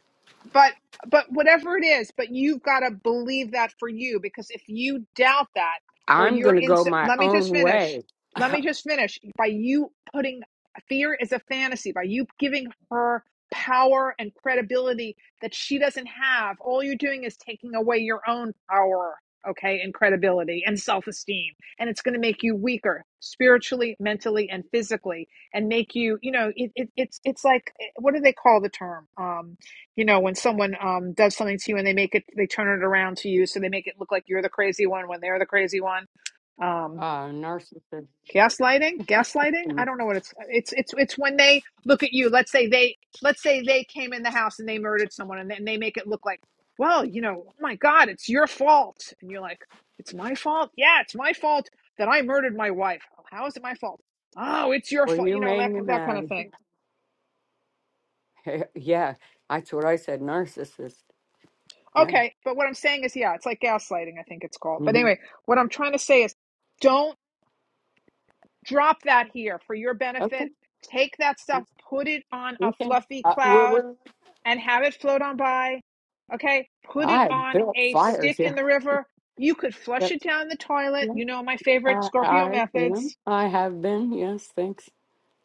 Speaker 1: but but whatever it is but you've got to believe that for you because if you doubt that or
Speaker 5: I'm
Speaker 1: you're
Speaker 5: going to
Speaker 1: in
Speaker 5: go
Speaker 1: so,
Speaker 5: my
Speaker 1: let me just
Speaker 5: own
Speaker 1: finish
Speaker 5: way.
Speaker 1: let
Speaker 5: (laughs)
Speaker 1: me just finish by you putting fear is a fantasy by you giving her power and credibility that she doesn't have all you're doing is taking away your own power okay and credibility and self-esteem and it's going to make you weaker spiritually mentally and physically and make you you know it, it, it's it's like eh, what do they call the term um you know when someone um, does something to you and they make it they turn it around to you so they make it look like you're the crazy one when they're the crazy one um,
Speaker 5: Uh, narcissist.
Speaker 1: gaslighting gaslighting i don't
Speaker 5: Well,
Speaker 1: know what it's it's it's it's when they look at you let's say they let's say they came in the house and they murdered someone and then they make it look like well you know oh my god it's your fault and you're like it's my fault yeah it's my fault that i murdered my wife how is it my fault oh it's your fault
Speaker 5: you
Speaker 1: you know
Speaker 5: made
Speaker 1: that
Speaker 5: me
Speaker 1: that kind of
Speaker 5: mad.
Speaker 1: thing
Speaker 5: (laughs) yeah. That's what I said. Narcissist. Yeah.
Speaker 1: Okay, but what I'm saying is, yeah, it's like gaslighting, I think it's called. But
Speaker 5: hmm
Speaker 1: anyway, what I'm trying to say is don't drop that here for your
Speaker 5: Okay.
Speaker 1: benefit. Take that stuff, put it on a
Speaker 5: Okay.
Speaker 1: fluffy
Speaker 5: Uh, we're,
Speaker 1: cloud
Speaker 5: we're,
Speaker 1: and have it float on by. Okay, put it
Speaker 5: I
Speaker 1: on
Speaker 5: built
Speaker 1: a
Speaker 5: fires
Speaker 1: stick in
Speaker 5: here.
Speaker 1: the river. You could flush
Speaker 5: Yep.
Speaker 1: it down the toilet. You know my favorite
Speaker 5: I,
Speaker 1: Scorpio
Speaker 5: I am.
Speaker 1: methods.
Speaker 5: I have been. Yes, thanks.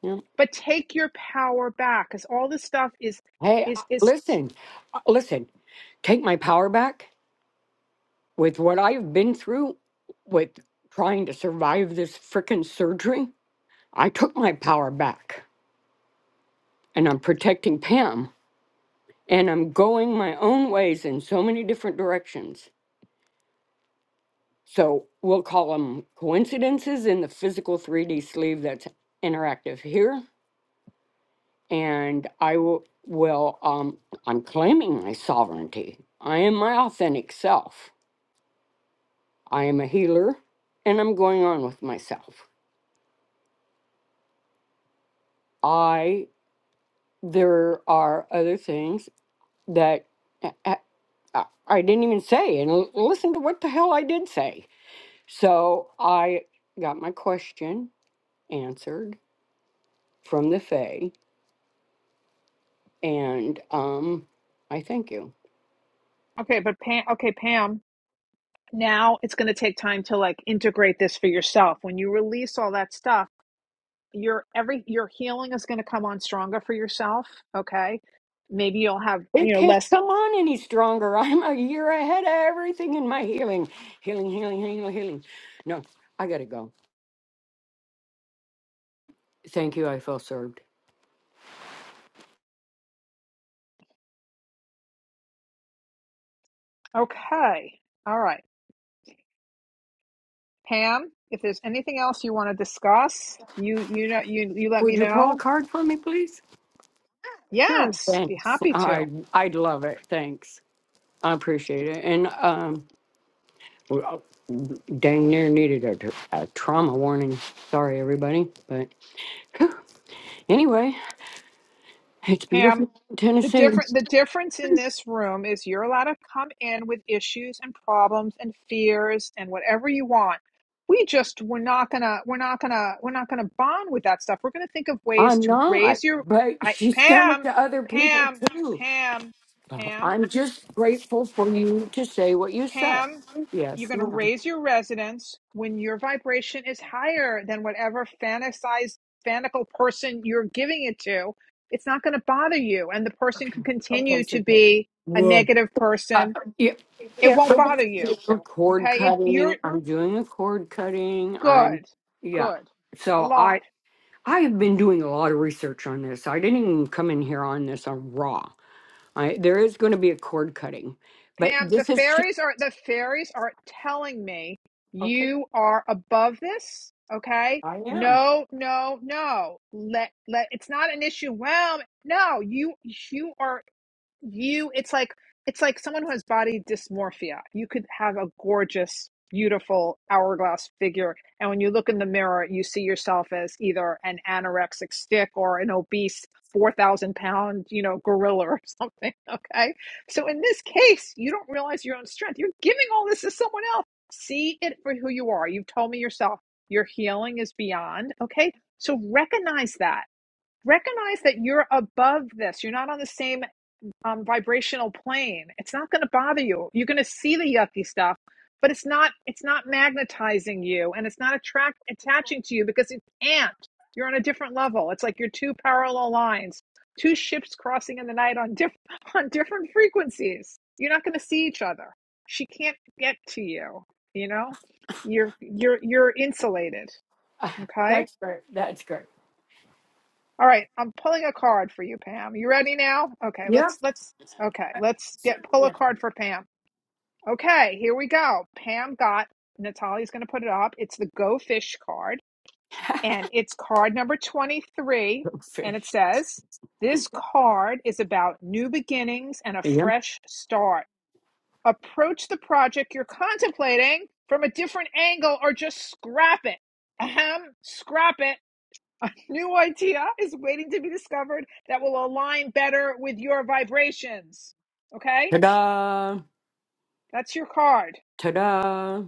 Speaker 5: Yeah.
Speaker 1: But take your power back because all this stuff is
Speaker 5: Hey, uh,
Speaker 1: is is
Speaker 5: listen, uh, listen. Take my power back with what I've been through with trying to survive this frickin' surgery. I took my power back, and I'm protecting Pam, and I'm going my own ways in so many different directions. So we'll call them coincidences in the physical 3D sleeve that's interactive here. and I w- will, um, I'm claiming my sovereignty. I am my authentic self. I am a healer and I'm going on with myself. I, there are other things that a- a- I I didn't even say, and l- listen to what the hell I did say. So I got my question answered from the Fae, and um, I thank you.
Speaker 1: okay. But Pam, okay, Pam, now it's going to take time to like integrate this for yourself when you release all that stuff your every your healing is going to come on stronger for yourself okay maybe you'll have
Speaker 5: It
Speaker 1: you know
Speaker 5: can't
Speaker 1: less
Speaker 5: come on any stronger. (laughs) I'm a year ahead of everything in my healing. Healing, healing, healing, healing. No, I gotta go. Thank you. I feel served.
Speaker 1: okay all right pam if there's anything else you want to discuss you you know you you let me
Speaker 5: Would you pull a
Speaker 1: know
Speaker 5: card for me, please? Sure.
Speaker 1: yes be
Speaker 5: Thanks.
Speaker 1: happy to
Speaker 5: I I'd love it. Thanks. I appreciate it. And um, well, dang near needed a, tr- a trauma warning. Sorry, everybody. But (gasps) (sighs) anyway, it's
Speaker 1: pam
Speaker 5: beautiful,
Speaker 1: The
Speaker 5: Tennessee.
Speaker 1: different the difference in this room is you're allowed to come in with issues and problems and fears and whatever you want. We just we're not gonna we're not gonna we're not gonna bond with that stuff. We're gonna think of ways
Speaker 5: I'm
Speaker 1: to
Speaker 5: not,
Speaker 1: raise your
Speaker 5: but
Speaker 1: I,
Speaker 5: she's done it
Speaker 1: Pam,
Speaker 5: to other people
Speaker 1: Pam,
Speaker 5: too.
Speaker 1: Pam,
Speaker 5: Uh,
Speaker 1: Pam.
Speaker 5: I'm just grateful for you to say what you said.
Speaker 1: Pam, you're
Speaker 5: Yes,
Speaker 1: going to
Speaker 5: ma'am.
Speaker 1: raise your resonance when your vibration is higher than whatever fantasized fanical person you're giving it to it's not going to bother you and the person can
Speaker 5: Okay,
Speaker 1: continue
Speaker 5: so
Speaker 1: to
Speaker 5: good.
Speaker 1: be a
Speaker 5: Whoa.
Speaker 1: negative
Speaker 5: Uh,
Speaker 1: person
Speaker 5: yeah,
Speaker 1: it
Speaker 5: yeah, I
Speaker 1: won't
Speaker 5: will
Speaker 1: bother you
Speaker 5: A cord
Speaker 1: okay it, you're
Speaker 5: cutting. I'm doing a cord cutting. I'm,
Speaker 1: good
Speaker 5: yeah.
Speaker 1: good a
Speaker 5: So
Speaker 1: lot
Speaker 5: I, I have been doing a lot of research on this. I didn't even come in here on this on raw. I, there is going to be a cord cutting, but
Speaker 1: Pam, the
Speaker 5: this is, ch-
Speaker 1: fairies are the fairies are telling me
Speaker 5: okay.
Speaker 1: you are above this. Okay.
Speaker 5: I,
Speaker 1: No, no, no. Let let it's not an issue. Well, no, you you are you it's like it's like someone who has body dysmorphia you could have a gorgeous beautiful hourglass figure and when you look in the mirror you see yourself as either an anorexic stick or an obese 4000 pound you know gorilla or (laughs) something okay so in this case you don't realize your own strength you're giving all this to someone else see it for who you are you've told me yourself your healing is beyond okay so recognize that recognize that you're above this you're not on the same um, vibrational plane. It's not going to bother you. You're going to see the yucky stuff, but it's not it's not magnetizing you, and it's not attract attaching to you because it can't. You're on a different level. It's like you're two parallel lines, two ships crossing in the night on diff- (laughs) on different frequencies. You're not going to see each other. She can't get to you. You know, you're you're you're insulated.
Speaker 5: (laughs) uh,
Speaker 1: Okay
Speaker 5: that's great. That's great.
Speaker 1: all right, I'm pulling a card for you, Pam. You ready now? Okay,
Speaker 5: Yep.
Speaker 1: let's let's okay, let's get pull a
Speaker 5: Yeah.
Speaker 1: card for Pam. Okay, here we go. Pam got Natalia's going to put it up. It's the Go Fish card, and it's card number 23,
Speaker 5: (laughs)
Speaker 1: and it
Speaker 5: Fish.
Speaker 1: says, "This card is about new beginnings and a
Speaker 5: Yeah.
Speaker 1: fresh start. Approach the project you're contemplating from a different angle or just scrap it." Ahem, scrap it New idea is waiting to be discovered that will align better with your vibrations. Okay?
Speaker 5: Ta-da.
Speaker 1: That's your card.
Speaker 5: Ta-da!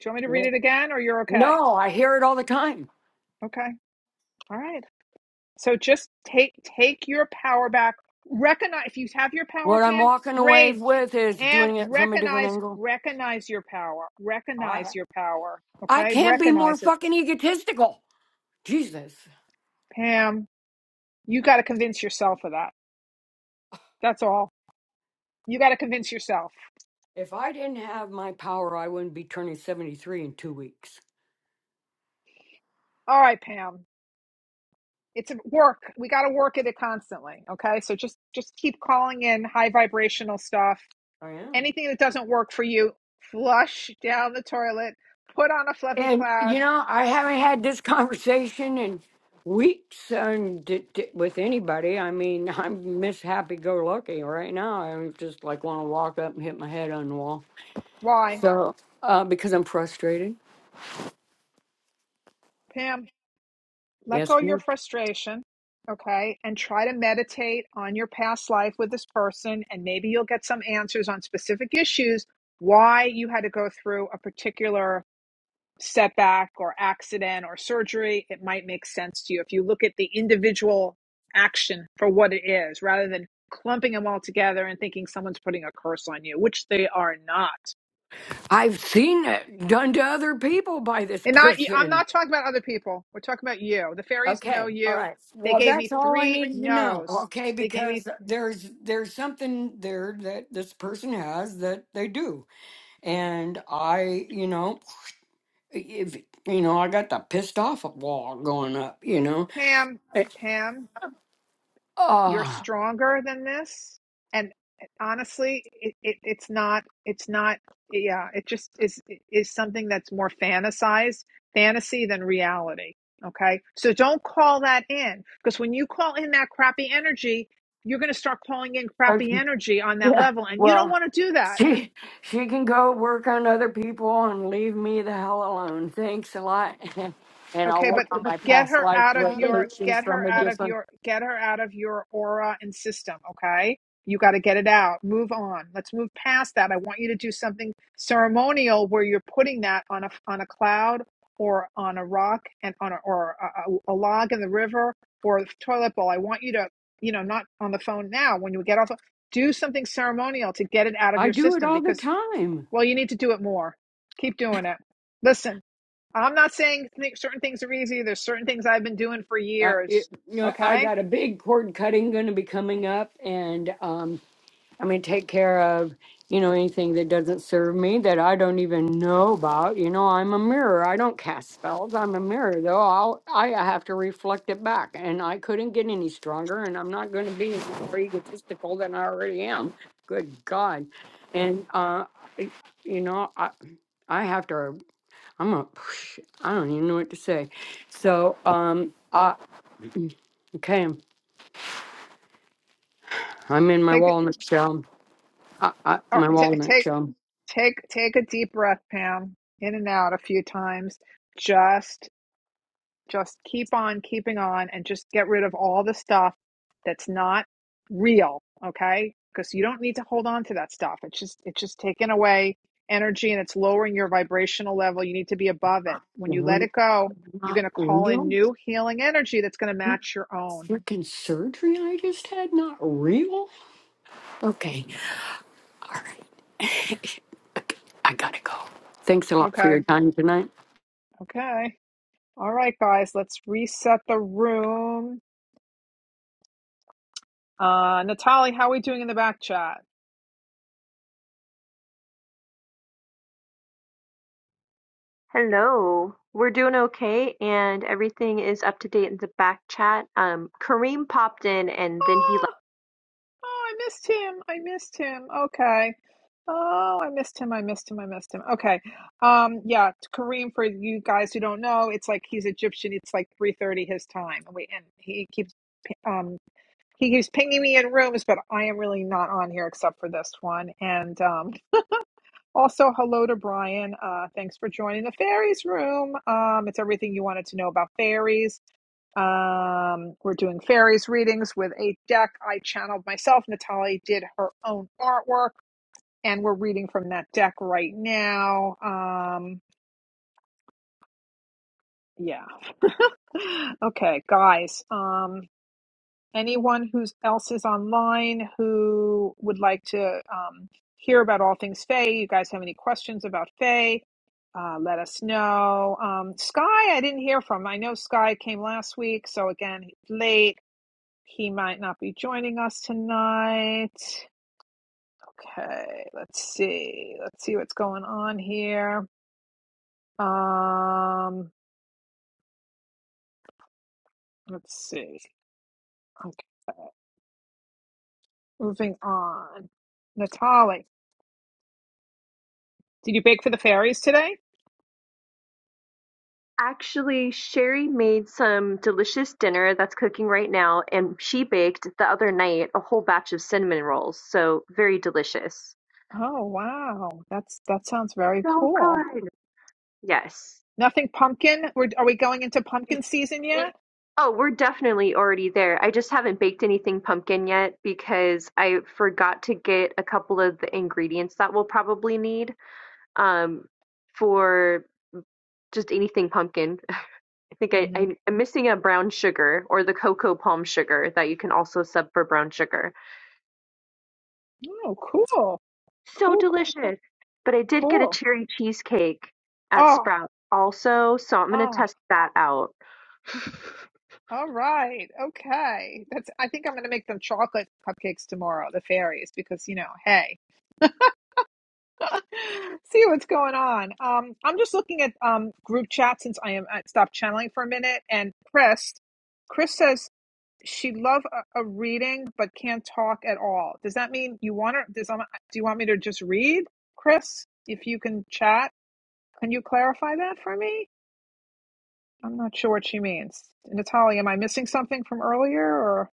Speaker 1: Do you want me to read it again or you're okay?
Speaker 5: No, I hear it all the time.
Speaker 1: Okay. All right. So just take take your power back. Recognize if you have your power,
Speaker 5: What I'm
Speaker 1: Pam,
Speaker 5: walking away
Speaker 1: great.
Speaker 5: with is
Speaker 1: Pam,
Speaker 5: doing it from a different
Speaker 1: recognize
Speaker 5: angle.
Speaker 1: recognize your power.
Speaker 5: I
Speaker 1: Recognize your power.
Speaker 5: I
Speaker 1: Okay?
Speaker 5: can't be more
Speaker 1: Recognize it.
Speaker 5: fucking egotistical. Jesus.
Speaker 1: Pam, you got to convince yourself of that. That's all. You got to convince yourself.
Speaker 5: If I didn't have my power, I wouldn't be turning 73 in two weeks.
Speaker 1: All right, Pam. it's work we got to work at it constantly okay so just just keep calling in high vibrational stuff
Speaker 5: I am.
Speaker 1: anything that doesn't work for you flush down the toilet put on a fluffy
Speaker 5: And,
Speaker 1: cloud
Speaker 5: you know, I haven't had this conversation in weeks and d- d- with anybody. I mean, (laughs) I'm Miss Happy Go Lucky right now. I'm just like want to walk up and hit my head on the wall.
Speaker 1: why
Speaker 5: So, uh, because I'm frustrated.
Speaker 1: pam let
Speaker 5: Yes,
Speaker 1: go of your frustration okay and try to meditate on your past life with this person and maybe you'll get some answers on specific issues why you had to go through a particular setback or accident or surgery, it might make sense to you. If you look at the individual action for what it is, rather than clumping them all together and thinking someone's putting a curse on you, which they are not.
Speaker 5: I've seen it done to other people by this
Speaker 1: And not, I'm
Speaker 5: person.
Speaker 1: not talking about other people. We're talking about you. The fairies know
Speaker 5: Okay, all
Speaker 1: you.
Speaker 5: right.
Speaker 1: They
Speaker 5: Well,
Speaker 1: gave me
Speaker 5: that's all I
Speaker 1: three
Speaker 5: needed to know.
Speaker 1: no's.
Speaker 5: Okay,
Speaker 1: They gave me
Speaker 5: because
Speaker 1: th-
Speaker 5: there's there's something there that this person has that they do, and I, you know, if you know, I got the pissed off wall going up. You know,
Speaker 1: Pam.
Speaker 5: it,
Speaker 1: Pam. you're
Speaker 5: uh,
Speaker 1: stronger than this and eh, honestly it, it it's not it's not yeah it just is is something that's more fantasized fantasy than reality okay so don't call that in because when you call in that crappy energy you're going to start calling in crappy energy on that
Speaker 5: Yeah.
Speaker 1: level and you don't
Speaker 5: Well,
Speaker 1: want to do that
Speaker 5: she she can go work on other people and leave me the hell alone. Thanks a lot. (laughs) And I'll
Speaker 1: Okay,
Speaker 5: work
Speaker 1: but
Speaker 5: on my
Speaker 1: get
Speaker 5: past
Speaker 1: her
Speaker 5: life
Speaker 1: out of your
Speaker 5: resolutions
Speaker 1: get her
Speaker 5: from a
Speaker 1: out of
Speaker 5: different.
Speaker 1: your get her out of your aura and system, okay? You got to get it out. Move on. Let's move past that. I want you to do something ceremonial where you're putting that on a on a cloud or on a rock and on a or a, a a log in the river or a toilet bowl. I want you to, you know, not on the phone now when you get off the- do something ceremonial to get it out of
Speaker 5: I
Speaker 1: your
Speaker 5: do it
Speaker 1: system
Speaker 5: all the
Speaker 1: because
Speaker 5: time.
Speaker 1: well, you need to do it more. Keep doing it. Listen, I'm not saying th- certain things are easy. There's certain things I've been doing for
Speaker 5: Uh, it,
Speaker 1: years.
Speaker 5: you know, I
Speaker 1: Okay,
Speaker 5: got a big cord cutting going to be coming up, and um, I mean, take care of, you know, anything that doesn't serve me that I don't even know about. You know, I'm a mirror. I don't cast spells. I'm a mirror, though. I'll, I have to reflect it back. And I couldn't get any stronger, and I'm not going to be any more egotistical than I already am. Good God. And, uh, I- you know, I, I have to, I'm a, (sighs) I don't even know what to say. So, um, uh, okay, I'm in my
Speaker 1: take it.
Speaker 5: walnut shell. I, I,
Speaker 1: all
Speaker 5: my
Speaker 1: right,
Speaker 5: walnut
Speaker 1: take
Speaker 5: shell.
Speaker 1: take take a deep breath, Pam. In and out a few times. Just Just keep on keeping on and just get rid of all the stuff that's not real, okay? Because you don't need to hold on to that stuff. It's just it's just taking away energy and it's lowering your vibrational level. You need to be above it. When you let it go, you're
Speaker 5: Not
Speaker 1: going to call in
Speaker 5: real?
Speaker 1: new healing energy that's going to
Speaker 5: That
Speaker 1: match your own.
Speaker 5: freaking surgery I just had? Not real? Okay, all right. (laughs) Okay. I gotta go. Thanks a lot for
Speaker 1: Okay.
Speaker 5: your time tonight.
Speaker 1: Okay. All right, guys, let's reset the room. Uh Natalie, how are we doing in the back chat?
Speaker 2: Hello. We're doing okay, and everything is up to date in the back chat. Um, Kareem popped in and then he left.
Speaker 1: Oh, I missed him. I missed him. Okay. Oh, I missed him. I missed him. I missed him. Okay. Um, yeah, t- Kareem, for you guys who don't know, it's like he's Egyptian. It's like 3:30 his time. And we and he keeps p- um he keeps pinging me in rooms, but I am really not on here except for this one. And um also hello to Brian. Uh thanks for joining the fairies room. Um it's everything you wanted to know about fairies. Um, we're doing fairies readings with a deck. I channeled myself. Natalie did her own artwork, and we're reading from that deck right now. Um, yeah. (laughs) okay, guys. Um, anyone who's else is online who would like to um, hear about all things Faye, you guys have any questions about Faye? Uh, let us know. Um, Sky, I didn't hear from. I know Sky came last week, so again, he's late. He might not be joining us tonight. Okay, let's see. Let's see what's going on here. Um, let's see. Okay, moving on. Natalie, did you bake for the fairies today?
Speaker 2: Actually, Sherry made some delicious dinner that's cooking right now, and she baked the other night a whole batch of cinnamon rolls. So very delicious.
Speaker 1: Oh, wow. That's that sounds very
Speaker 2: So
Speaker 1: cool.
Speaker 2: good. Yes.
Speaker 1: Nothing pumpkin? We're, are we going into pumpkin season yet?
Speaker 2: It- oh, we're definitely already there. I just haven't baked anything pumpkin yet because I forgot to get a couple of the ingredients that we'll probably need. um, for just anything pumpkin. (laughs) I think I,
Speaker 1: hmm
Speaker 2: I, I'm missing a brown sugar or the cocoa palm sugar that you can also sub for brown sugar.
Speaker 1: Oh, cool.
Speaker 2: So
Speaker 1: Cool, cool, cool,
Speaker 2: delicious. But I did get a
Speaker 1: cool.
Speaker 2: cherry cheesecake at
Speaker 1: Oh,
Speaker 2: Sprout also, so I'm going to
Speaker 1: oh,
Speaker 2: test that out.
Speaker 1: all right. Okay. That's, I think I'm going to make them chocolate cupcakes tomorrow, the fairies, because, you know, hey. (laughs) See what's going on. Um, I'm just looking at um, group chat since I am I
Speaker 2: (laughs)
Speaker 1: stopped channeling for a minute. And Chris, Chris says she love a, a reading but can't talk at all. Does that mean you want her? Does um, do you want me to just read, Chris? If you can chat, can you clarify that for me? I'm not sure what she means. Natalie, am I missing something from earlier? or?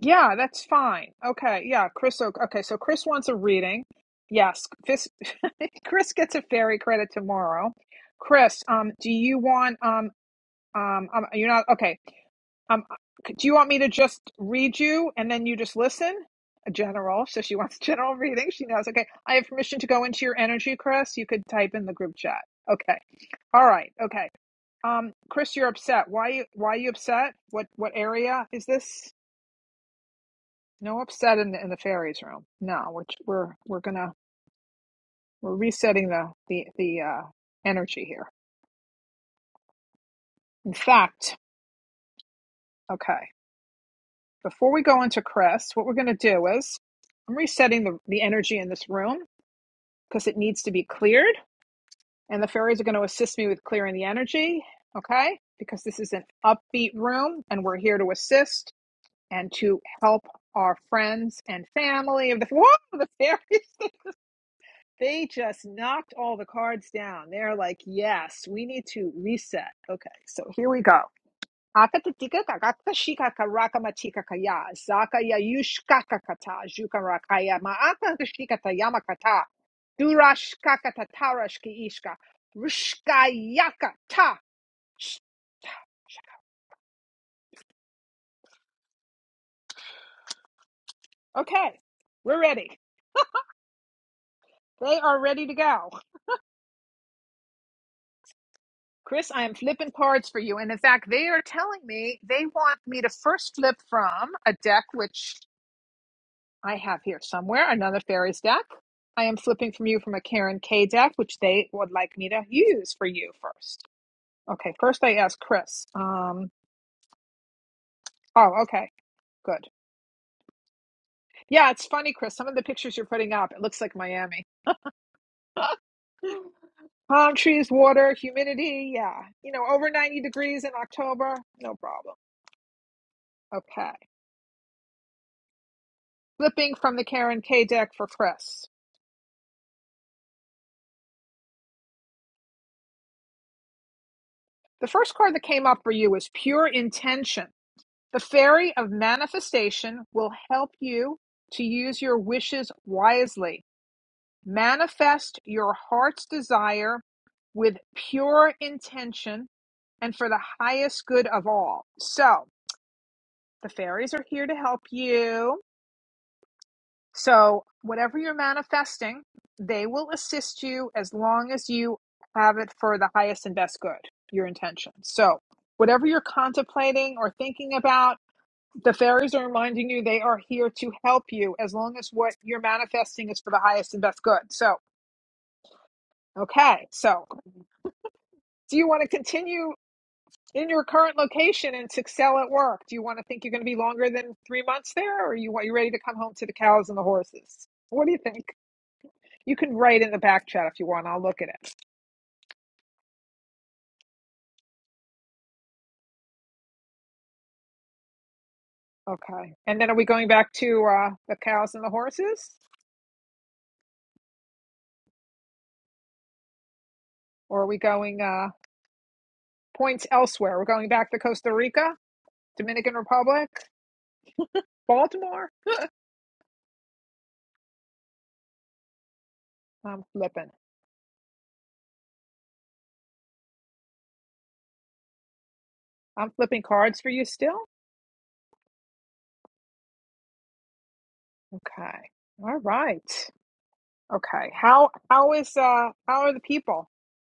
Speaker 1: Yeah, that's fine. Okay, yeah, Chris. o- Okay, so Chris wants a reading. Yes, Chris, (laughs) Chris gets a fairy credit tomorrow. Chris, um, do you want um um, um you're not okay. Um, do you want me to just read you and then you just listen? A general, so she (laughs) wants general reading. She knows. Okay, I have permission to go into your energy, Chris. You could type in the group chat. Okay. All right. Okay. Um, Chris, you're upset. Why? you Why are you upset? What? What area is this? No upset in the in the fairies room. No, we're we're we're gonna we're resetting the the the uh, energy here. In fact, okay, before we go into Chris, what we're gonna do is I'm resetting the the energy in this room because it needs to be cleared, and the fairies are going to assist me with clearing the energy. Okay, because this is an upbeat room, and we're here to assist and to help our friends and family of the (laughs) whoa the fairies. They just knocked all the cards down. They're like, yes, we need to reset. Okay, so here we go. Okay, we're ready. They are ready to go. Chris, I am flipping cards for you. And in fact, they are telling me they want me to first flip from a deck, which I have here somewhere another fairies deck. I am flipping from you from a Karen K deck, which they would like me to use for you first. Okay, first I ask Chris. Um, oh, okay, good. Yeah, it's funny, Chris. Some of the pictures you're putting up, it looks like Miami. (laughs) Palm trees, water, humidity. Yeah, you know, over 90 degrees in October, no problem. Okay, flipping from the Karen K deck for Chris. The first card that came up for you was Pure Intention. The fairy of manifestation will help you to use your wishes wisely. Manifest your heart's desire with pure intention and for the highest good of all. So, the fairies are here to help you. So, whatever you're manifesting, they will assist you as long as you have it for the highest and best good, your intention. So, whatever you're contemplating or thinking about, The fairies are reminding you they are here to help you as long as what you're manifesting is for the highest and best good. So, okay. So, do you want to continue in your current location and to excel at work? Do you want to think you're going to be longer than three months there, or you want you ready to come home to the cows and the horses? What do you think? You can write in the back chat if you want. I'll look at it. Okay. And then are we going back to uh, the cows and the horses, or are we going uh, points elsewhere? We're going back to Costa Rica, Dominican Republic, Baltimore. I'm flipping. I'm flipping cards for you still? Okay. All right. Okay. How how is uh how are the people?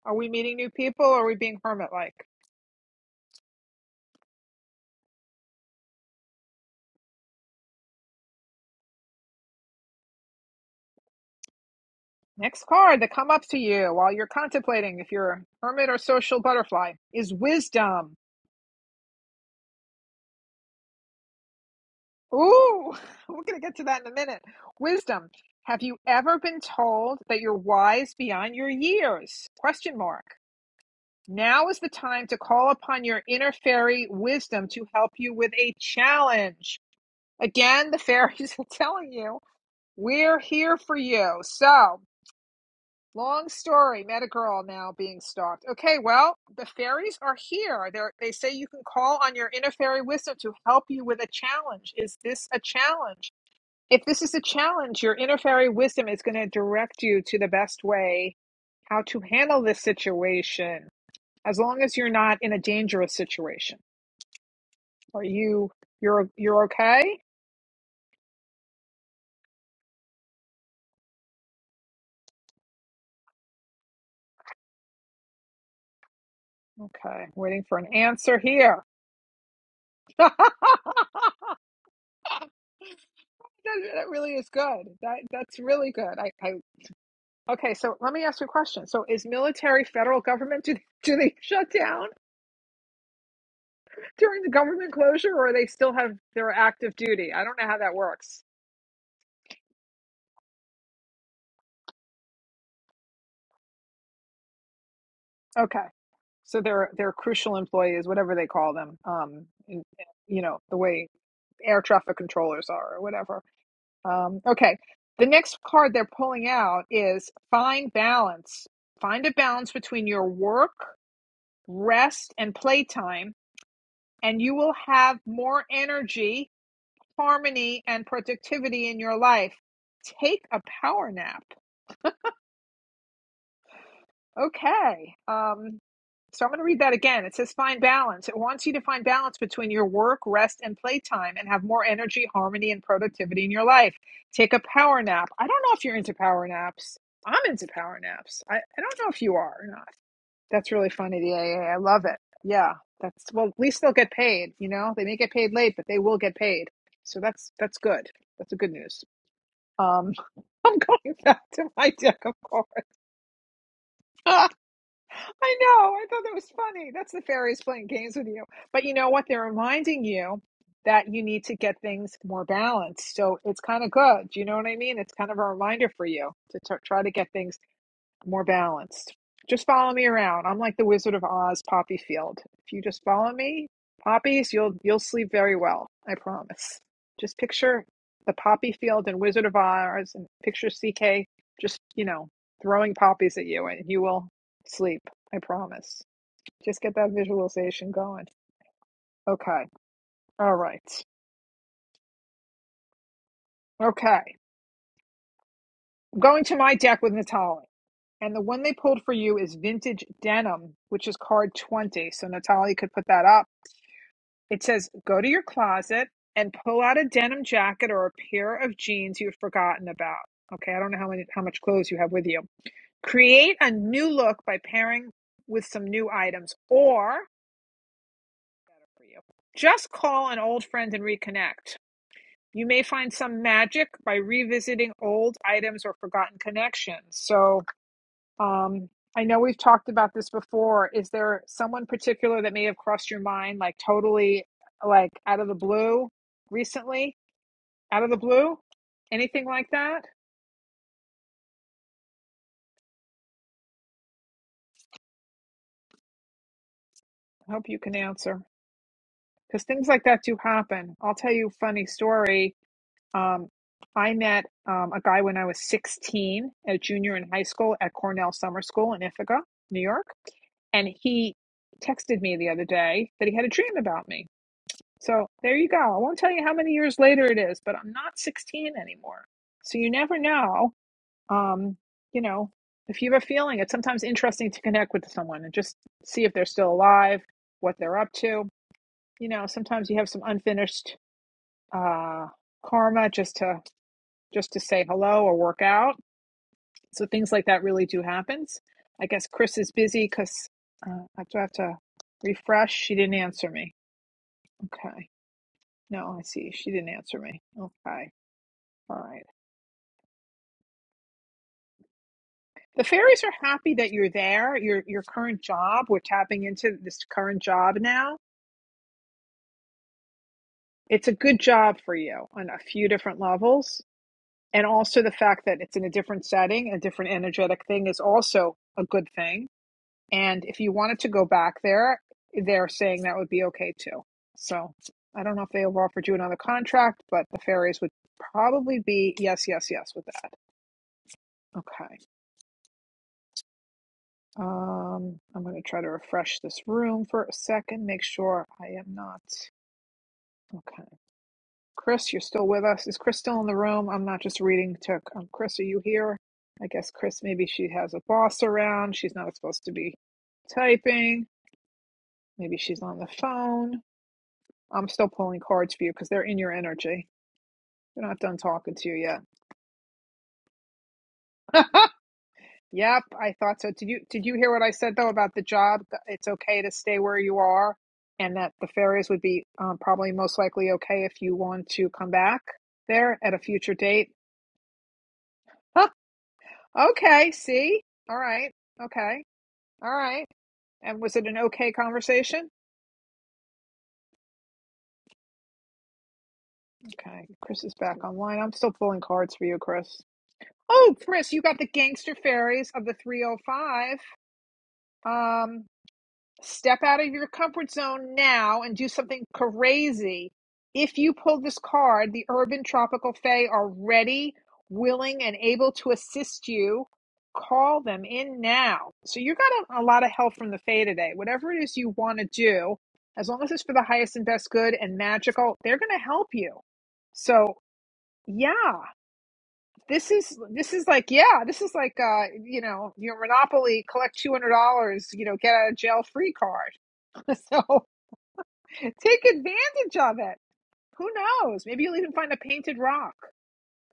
Speaker 1: Are we meeting new people or are we being hermit like? Next card that come up to you while you're contemplating if you're a hermit or social butterfly is wisdom. Ooh, (laughs) we're gonna get to that in a minute. Wisdom. Have you ever been told that you're wise beyond your years? Question mark. Now is the time to call upon your inner fairy wisdom to help you with a challenge. Again, the (laughs) fairies are telling you, we're here for you. So, long story, met a girl now being stalked. Okay, well, the fairies are here. They're, they say you can call on your inner fairy wisdom to help you with a challenge. Is this a challenge? If this is a challenge, your inner fairy wisdom is going to direct you to the best way how to handle this situation as long as you're not in a dangerous situation. Are you you're you're okay? Okay, waiting for an answer here. (laughs) that, that really is good. That that's really good. I, I okay. So let me ask you a question. So is military federal government do (laughs) do they shut down during the government closure, or they still have their active duty? I don't know how that works. Okay, so they're they're crucial employees, whatever they call them. Um, in- you know the way air traffic controllers are, or whatever. Um, okay. The next card they're pulling out is find balance. Find a balance between your work, rest, and playtime, and you will have more energy, harmony, and productivity in your life. Take a power nap. Okay. Um, So I'm going to read that again. It says find balance. It wants you to find balance between your work, rest, and playtime and have more energy, harmony, and productivity in your life. Take a power nap. I don't know if you're into power naps. I'm into power naps. I, I don't know if you are or not. That's really funny, the AA. I love it. Yeah. That's well, at least they'll get paid, you know? They may get paid late, but they will get paid. So that's that's good. That's a good news. Um (laughs) I'm going back to my deck, of course. (laughs) I know. I thought that was funny. That's the fairies playing games with you. But you know what? They're reminding you that you need to get things more balanced. So it's kind of good. Do you know what I mean? It's kind of a reminder for you to t- try to get things more balanced. Just follow me around. I'm like the Wizard of Oz, Poppy Field. If you just follow me, poppies, you'll you'll sleep very well. I promise. Just picture the Poppy Field and Wizard of Oz, and picture CK just you know throwing poppies at you, and you will sleep. I promise. Just get that visualization going. Okay. All right. Okay. I'm going to my deck with Natali, And the one they pulled for you is Vintage Denim, which is card 20. So Natali could put that up It says go to your closet and pull out a denim jacket or a pair of jeans you've forgotten about. Okay, I don't know how many how much clothes you have with you. Create a new look by pairing with some new items or Just call an old friend and reconnect. You may find some magic by revisiting old items or forgotten connections. So um, I know we've talked about this before. Is there someone particular that may have crossed your mind, like totally, like out of the blue recently, out of the blue? Anything like that? I hope you can answer because things like that do happen. I'll tell you a funny story. Um, I met um, a guy when I was 16, a junior in high school at Cornell Summer School in Ithaca, New York. And he texted me the other day that he had a dream about me. So there you go. I won't tell you how many years later it is, but I'm not 16 anymore. So you never know. Um, you know, if you have a feeling, it's sometimes interesting to connect with someone and just see if they're still alive, what they're up to. You know, sometimes you have some unfinished uh, karma just to just to say hello or work out. So things like that really do happen. I guess Chris is busy because uh, I do have to refresh. She didn't answer me. Okay. No, I see. She didn't answer me. Okay. Fine. The fairies are happy that you're there. Your your current job, we're tapping into this current job now. It's a good job for you on a few different levels. And also the fact that it's in a different setting, a different energetic thing is also a good thing. And if you wanted to go back there, they're saying that would be okay too. So I don't know if they have offered you another contract, but the fairies would probably be yes, yes, yes with that. Okay. Um, I'm going to try to refresh this room for a second, make sure I am not. Okay. Chris, you're still with us. Is Chris still in the room? I'm not just reading to. Um, Chris, are you here? I guess Chris, maybe she has a boss around. She's not supposed to be typing. Maybe she's on the phone. I'm still pulling cards for you because they're in your energy. They're not done talking to you yet. (laughs) Yep, I thought so. Did you did you hear what I said though about the job? It's okay to stay where you are, and that the fairies would be um, probably most likely okay if you want to come back there at a future date. Huh, okay, see, all right, okay, all right. And was it an okay conversation? Okay, Chris is back online. I'm still pulling cards for you, Chris. Oh, Chris, you got the gangster fairies of the 305. Um, Step out of your comfort zone now and do something crazy. If you pull this card, the urban tropical fae are ready, willing, and able to assist you. Call them in now. So you got a, a lot of help from the fae today. Whatever it is you want to do, as long as it's for the highest and best good and magical, they're going to help you. So yeah, this is this is like yeah, this is like uh you know your Monopoly collect two hundred dollars, you know, get out of jail free card (laughs) So take advantage of it. Who knows? Maybe you'll even find a painted rock.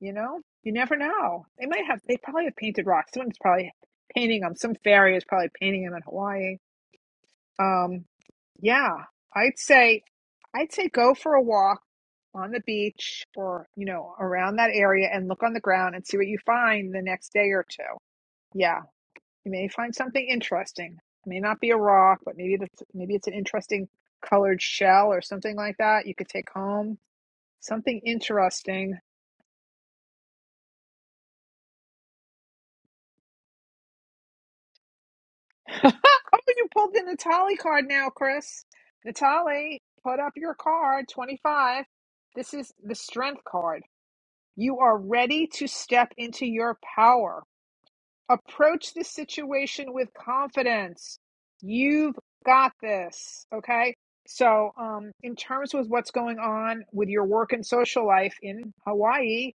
Speaker 1: You know, you never know. They might have. They probably have painted rocks. Someone's probably painting them. Some fairy is probably painting them in Hawaii. Um, yeah, I'd say, I'd say go for a walk on the beach or you know around that area and look on the ground and see what you find the next day or two. Yeah. You may find something interesting. It may not be a rock, but maybe that's maybe it's an interesting colored shell or something like that you could take home. Something interesting. (laughs) oh, you pulled the Natali card now, Chris. Natali, put up your card, 25. This is the strength card. You are ready to step into your power. approach the situation with confidence. You've got this. Okay. So, um, in terms with what's going on with your work and social life in Hawaii,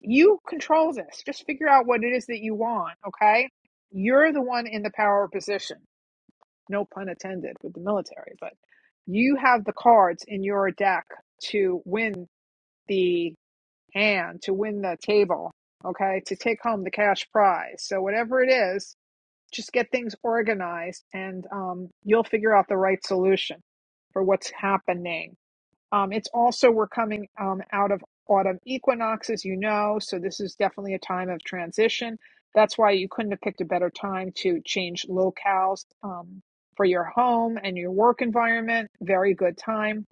Speaker 1: you control this. Just figure out what it is that you want. Okay. You're the one in the power position. No pun intended with the military, but you have the cards in your deck to win the hand, to win the table. Okay. To take home the cash prize. So, whatever it is, just get things organized and um, you'll figure out the right solution for what's happening. Um, it's also, we're coming um, out of autumn equinox, as you know, so this is definitely a time of transition. That's why you couldn't have picked a better time to change locales um, for your home and your work environment. Very good time.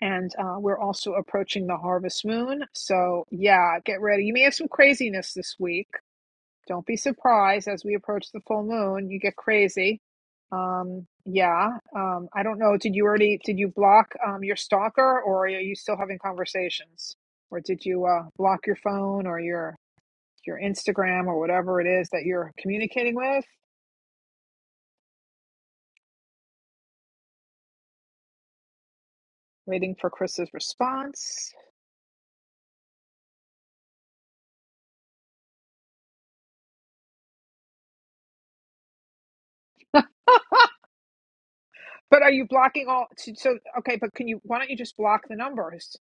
Speaker 1: And uh, we're also approaching the harvest moon. So, yeah, get ready. You may have some craziness this week don't be surprised as we approach the full moon, you get crazy. Um, yeah. Um, I don't know. Did you already did you block um your stalker or are you still having conversations? Or did you uh block your phone or your your Instagram or whatever it is that you're communicating with? Waiting for Chris's response. But are you blocking all so so- okay, but can you why don't you just block the numbers?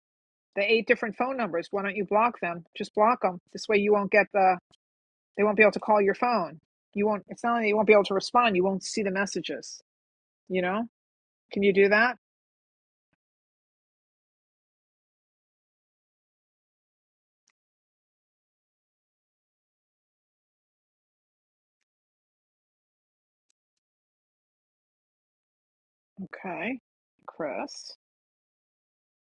Speaker 1: The eight different phone numbers. Why don't you block them? Just block them. This way you won't get the They won't be able to call your phone. You won't, it's not only you won't be able to respond, you won't see the messages. You know? Can you do that? Okay. Chris.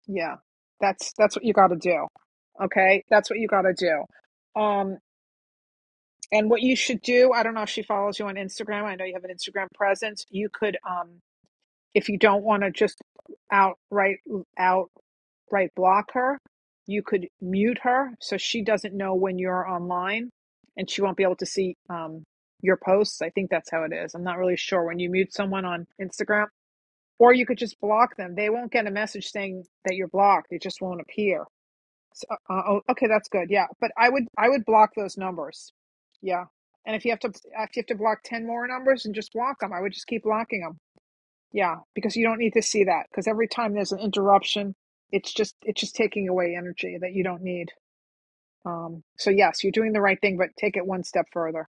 Speaker 1: Yeah. That's that's what you gotta do. Okay? That's what you gotta do. Um and what you should do, I don't know if she follows you on Instagram. I know you have an Instagram presence. You could um. if you don't want to just outright outright block her, you could mute her so she doesn't know when you're online, and she won't be able to see um, your posts. I think that's how it is. I'm not really sure when you mute someone on Instagram, or you could just block them. They won't get a message saying that you're blocked. It just won't appear. So, uh, oh, okay, that's good. Yeah, but I would I would block those numbers. Yeah, and if you have to if you have to block ten more numbers and just block them, I would just keep blocking them. Yeah, because you don't need to see that because every time there's an interruption, it's just it's just taking away energy that you don't need. Um, so yes, you're doing the right thing, but take it one step further.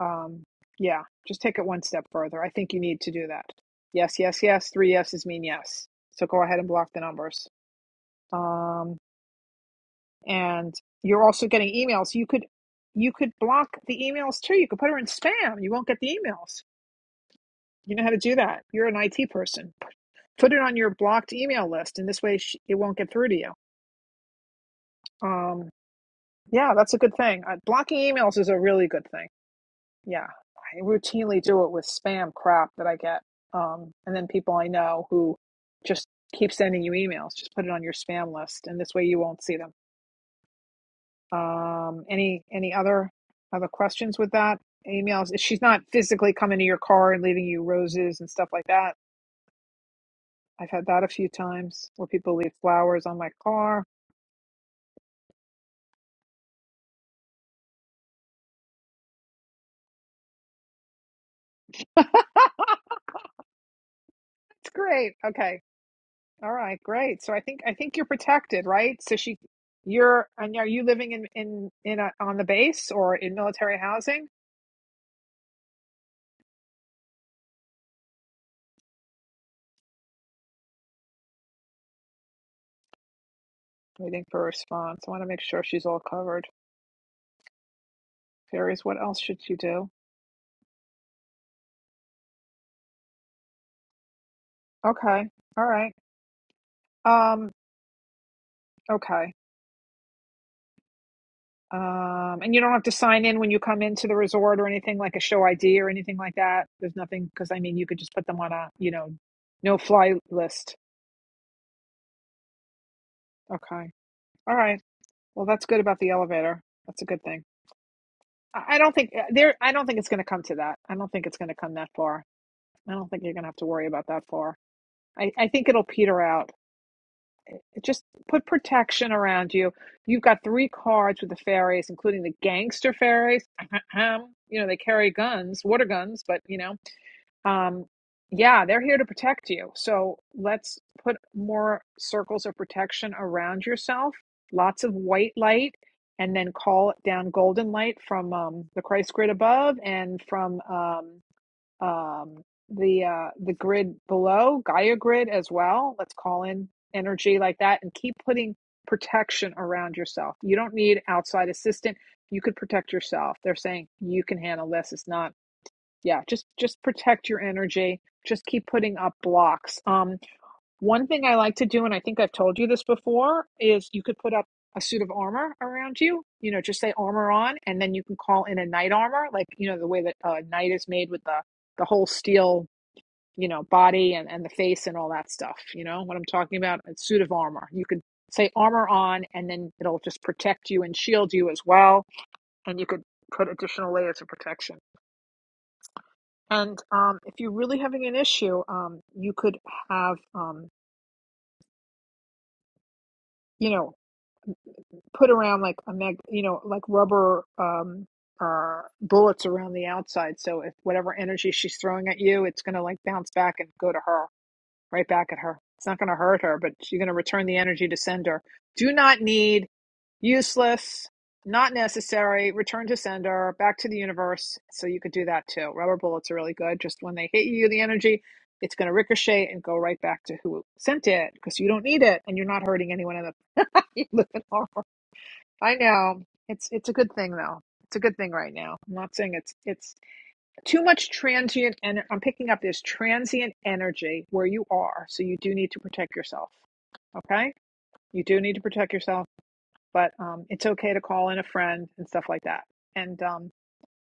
Speaker 1: Um, yeah, just take it one step further. I think you need to do that. Yes, yes, yes. Three yeses mean yes. So go ahead and block the numbers. Um, and you're also getting emails. You could you could block the emails too. You could put her in spam. You won't get the emails. You know how to do that. You're an IT person put it on your blocked email list and this way sh- it won't get through to you um yeah that's a good thing uh, blocking emails is a really good thing yeah i routinely do it with spam crap that i get um and then people i know who just keep sending you emails just put it on your spam list and this way you won't see them um any any other other questions with that emails she's not physically coming to your car and leaving you roses and stuff like that i've had that a few times where people leave flowers on my car it's great. Okay, All right, great. So I think I think you're protected, right? So she, you're, and are you living in in in a, on the base or in military housing? Waiting for a response. I want to make sure she's all covered. Fairies, what else should you do? Okay, all right. Um, okay. Um, and you don't have to sign in when you come into the resort or anything like a show ID or anything like that. There's nothing because I mean you could just put them on a you know no fly list. Okay. All right. Well, that's good about the elevator. That's a good thing. I don't think uh, there. I don't think it's going to come to that. I don't think it's going to come that far. I don't think you're going to have to worry about that far. I, I think it'll peter out. Just put protection around you. You've got three cards with the fairies, including the gangster fairies. (laughs) You know they carry guns, water guns, but you know um, yeah, they're here to protect you. So let's put more circles of protection around yourself, lots of white light, and then call down golden light from um, the Christ grid above and from um, um, the uh, the grid below, Gaia grid as well. Let's call in energy like that and keep putting protection around yourself. You don't need outside assistance. You could protect yourself. They're saying you can handle this. It's not yeah just just protect your energy just keep putting up blocks um one thing i like to do and i think i've told you this before is you could put up a suit of armor around you you know just say armor on and then you can call in a knight armor like you know the way that a uh, knight is made with the the whole steel you know body and and the face and all that stuff you know what i'm talking about a suit of armor you could say armor on and then it'll just protect you and shield you as well and you could put additional layers of protection and um, if you're really having an issue, um, you could have, um, you know, put around like a mag, you know, like rubber um, uh, bullets around the outside. So if whatever energy she's throwing at you, it's going to like bounce back and go to her. right back at her. It's not going to hurt her, but you're going to return the energy to sender. Do not need, useless, not necessary, return to sender, back to the universe. So you could do that too. Rubber bullets are really good. Just when they hit you, the energy, it's going to ricochet and go right back to who sent it because you don't need it and you're not hurting anyone in the (laughs) you live in horror. I know. It's it's a good thing though. It's a good thing right now. I'm not saying it's it's too much transient and i'm picking up this transient energy where you are so you do need to protect yourself okay you do need to protect yourself but um, it's okay to call in a friend and stuff like that and um,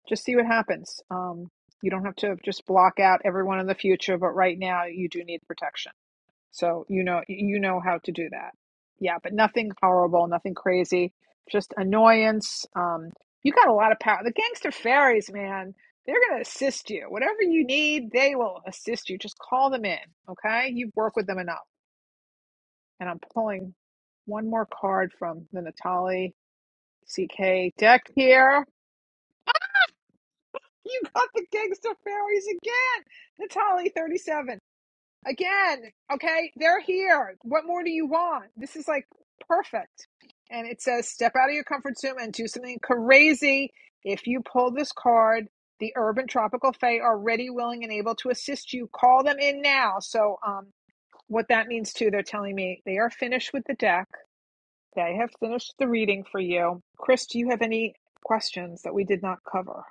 Speaker 1: just see what happens um, you don't have to just block out everyone in the future but right now you do need protection so you know you know how to do that. Yeah, but nothing horrible, nothing crazy, just annoyance. Um, you got a lot of power. The gangster fairies, man, they're gonna assist you. Whatever you need, they will assist you. Just call them in, okay? You've worked with them enough. And I'm pulling one more card from the Natali CK deck here. You got the gangster fairies again, Natali 37. Again, okay, they're here. What more do you want? This is like perfect. And it says, step out of your comfort zone and do something crazy. If you pull this card, the urban tropical fae are ready, willing, and able to assist you. Call them in now. So, um, what that means too, they're telling me they are finished with the deck. They have finished the reading for you. Chris, do you have any questions that we did not cover?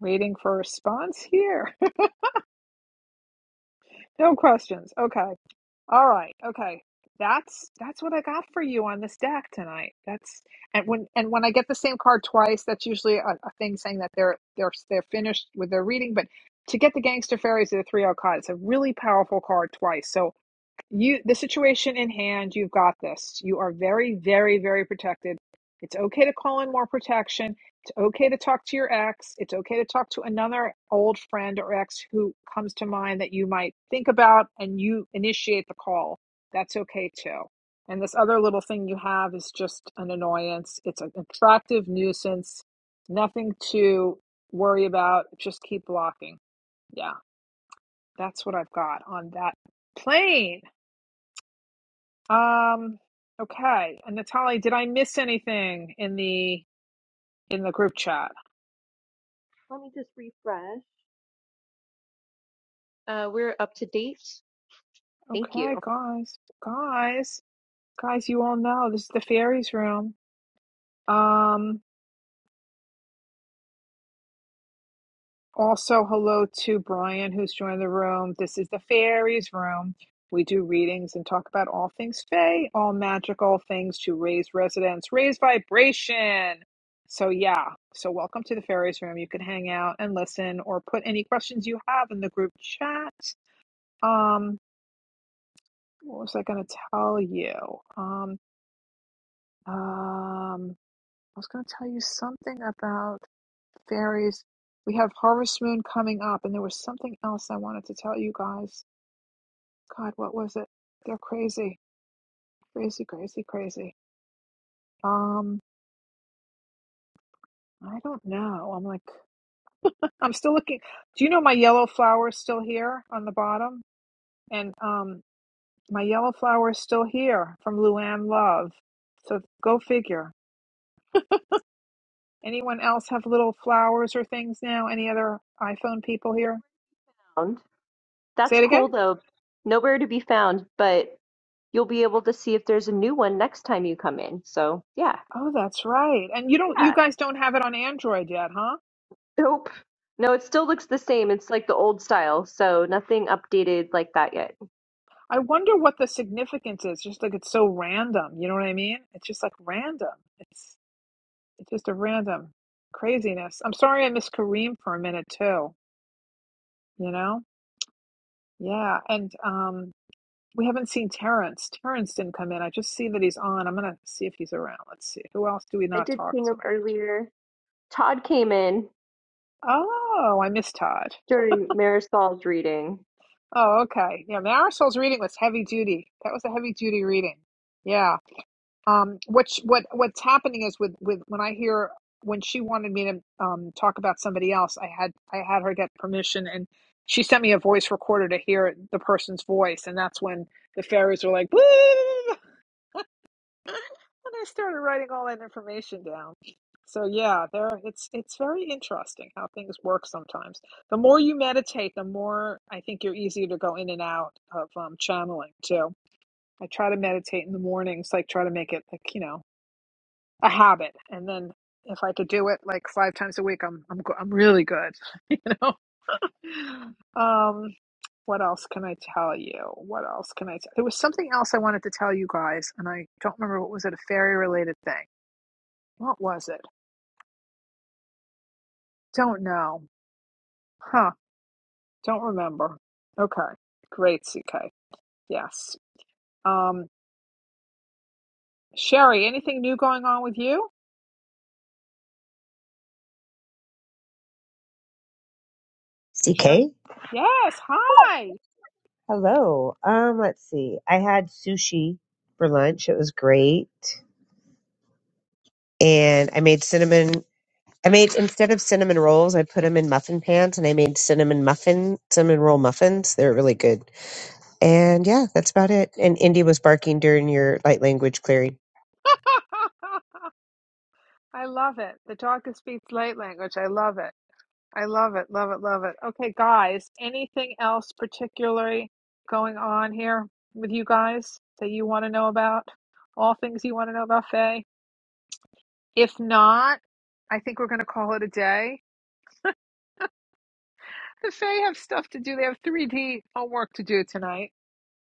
Speaker 1: Waiting for a response here. (laughs) no questions. Okay. All right. Okay. That's that's what I got for you on this deck tonight. That's and when and when I get the same card twice, that's usually a, a thing saying that they're they're they're finished with their reading. But to get the Gangster Fairies of the Three O card, it's a really powerful card twice. So you the situation in hand you've got this you are very very very protected it's okay to call in more protection it's okay to talk to your ex it's okay to talk to another old friend or ex who comes to mind that you might think about and you initiate the call that's okay too and this other little thing you have is just an annoyance it's an attractive nuisance nothing to worry about just keep blocking yeah that's what i've got on that plane um, okay. And Natalie, did I miss anything in the in the group chat?
Speaker 2: Let me just refresh. Uh, we're up to date. Thank
Speaker 1: Okay,
Speaker 2: you.
Speaker 1: guys. Guys, guys, you all know this is the fairies room. Um, also hello to Brian who's joined the room. This is the fairies room. We do readings and talk about all things fae, all magical things to raise resonance, raise vibration. So yeah, so welcome to the fairies room. You can hang out and listen or put any questions you have in the group chat. Um, what was I going to tell you? Um, um, I was going to tell you something about fairies. We have Harvest Moon coming up, and there was something else I wanted to tell you guys. God, what was it? They're crazy, crazy, crazy, crazy. Um, I don't know. I'm like, I'm still looking. Do you know my yellow flower is still here on the bottom? And um, my yellow flower is still here from Luann Love. So go figure. Anyone else have little flowers or things now? Any other iPhone people
Speaker 2: No
Speaker 1: here?
Speaker 2: found.
Speaker 1: Say
Speaker 2: That's
Speaker 1: it again.
Speaker 2: cool though. Nowhere to be found, but you'll be able to see if there's a new one next time you come in. So yeah.
Speaker 1: Oh, that's right. And you don't you
Speaker 2: Yeah.
Speaker 1: guys don't have it on Android yet, huh?
Speaker 2: Nope. No, it still looks the same. It's like the old style, so nothing updated like that yet.
Speaker 1: I wonder what the significance is. Just like it's so random, you know what I mean? It's just like random. It's it's just a random craziness. I'm sorry I missed Kareem for a minute too, you know? Yeah, and um we haven't seen Terrence. Terrence didn't come in. I just see that he's on. I'm gonna see if he's around. Let's see. Who else do we
Speaker 2: I
Speaker 1: not
Speaker 2: did
Speaker 1: talk
Speaker 2: ping
Speaker 1: to?
Speaker 2: him earlier. Todd came in
Speaker 1: Oh, I miss Todd.
Speaker 2: during Marisol's reading.
Speaker 1: Oh, okay. Yeah, Marisol's reading was heavy duty. That was a heavy duty reading. Yeah. Um, which what what's happening is with with when I hear when she wanted me to um talk about somebody else, I had I had her get permission and she sent me a voice recorder to hear the person's voice, and that's when the fairies were like, "Boo!" (laughs) and I started writing all that information down. So yeah, there it's it's very interesting how things work sometimes. The more you meditate, the more I think you're easier to go in and out of um, channeling too. I try to meditate in the mornings, like try to make it like you know a habit, and then if I could do it like five times a week, I'm I'm go- I'm really good, (laughs) you know. Um, what else can I tell you? What else can I tell? There was something else I wanted to tell you guys, and I don't remember what was it a fairy related thing what was it? Don't know. Huh. Don't remember. Okay. Great, CK. Yes. Um, Sherry, anything new going on with you? Sherry?
Speaker 4: CK?
Speaker 1: Yes. Hi.
Speaker 4: Hello. Um, let's see. I had sushi for lunch. It was great. And I made cinnamon I made instead of cinnamon rolls, I put them in muffin pans and I made cinnamon muffin cinnamon roll muffins. They were really good. And yeah, that's about it. And Indy was barking during your light language clearing.
Speaker 1: (laughs) I love it. The dog that speaks light language. I love it. I love it. Love it. Love it. Okay, guys, anything else particularly going on here with you guys that you want to know about? All things you want to know about Faye? If not, I think we're going to call it a day. The Fae have stuff to do. They have 3D homework to do tonight,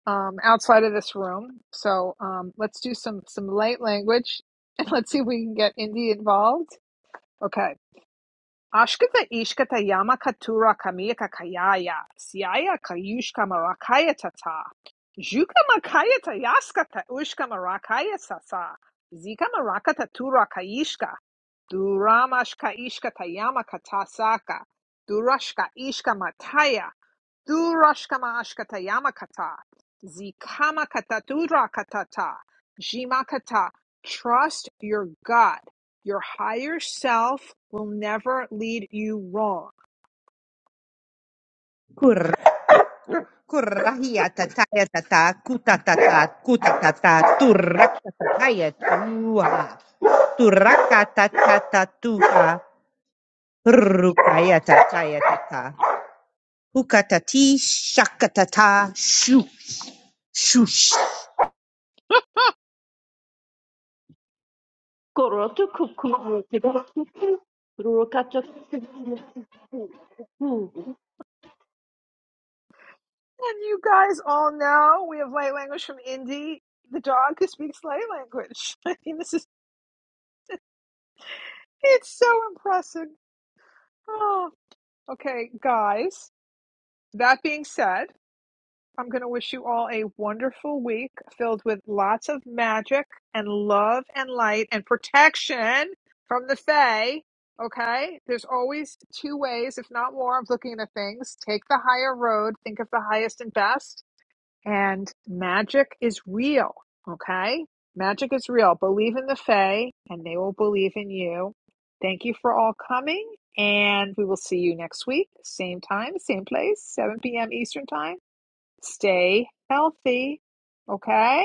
Speaker 1: um, outside of this room. So um, let's do some some light language, (laughs) and let's see if we can get Indy involved. Okay. Ashkata ishkata yama katura kamiyaka kayaya siaya kayushka marakaya tata juka makaya tayaskata ushka marakaya sasa zika marakata tura kayishka duramashka ishkata yama katasaka durashka ishka mataya Du rashkama Durashkamashkata yamakata. zikama kata Zikamakata durakatata. Jimakata. Trust your God. Your higher self will never lead you wrong.
Speaker 4: Kurra, kurra, hiya, tataya, tata, kuta, tata, kuta, tata, turra, tataya, tuha, turaka, tata, tatuha, rukaya, tataya, tata, hukatati, shakatata, shoo, shoo,
Speaker 1: And you guys all know we have light language from Indy, the dog who speaks light language. (laughs) I mean, this is, it's so impressive. (gasps) Oh, okay, guys. That being said, I'm going to wish you all a wonderful week filled with lots of magic and love and light and protection from the Fae. Okay? There's always two ways, if not more, of looking at things. Take the higher road, think of the highest and best, and magic is real. Okay? Magic is real. Believe in the Fae, and they will believe in you. Thank you for all coming, and we will see you next week. Same time, same place, 7 p.m. Eastern Time. Stay healthy, okay?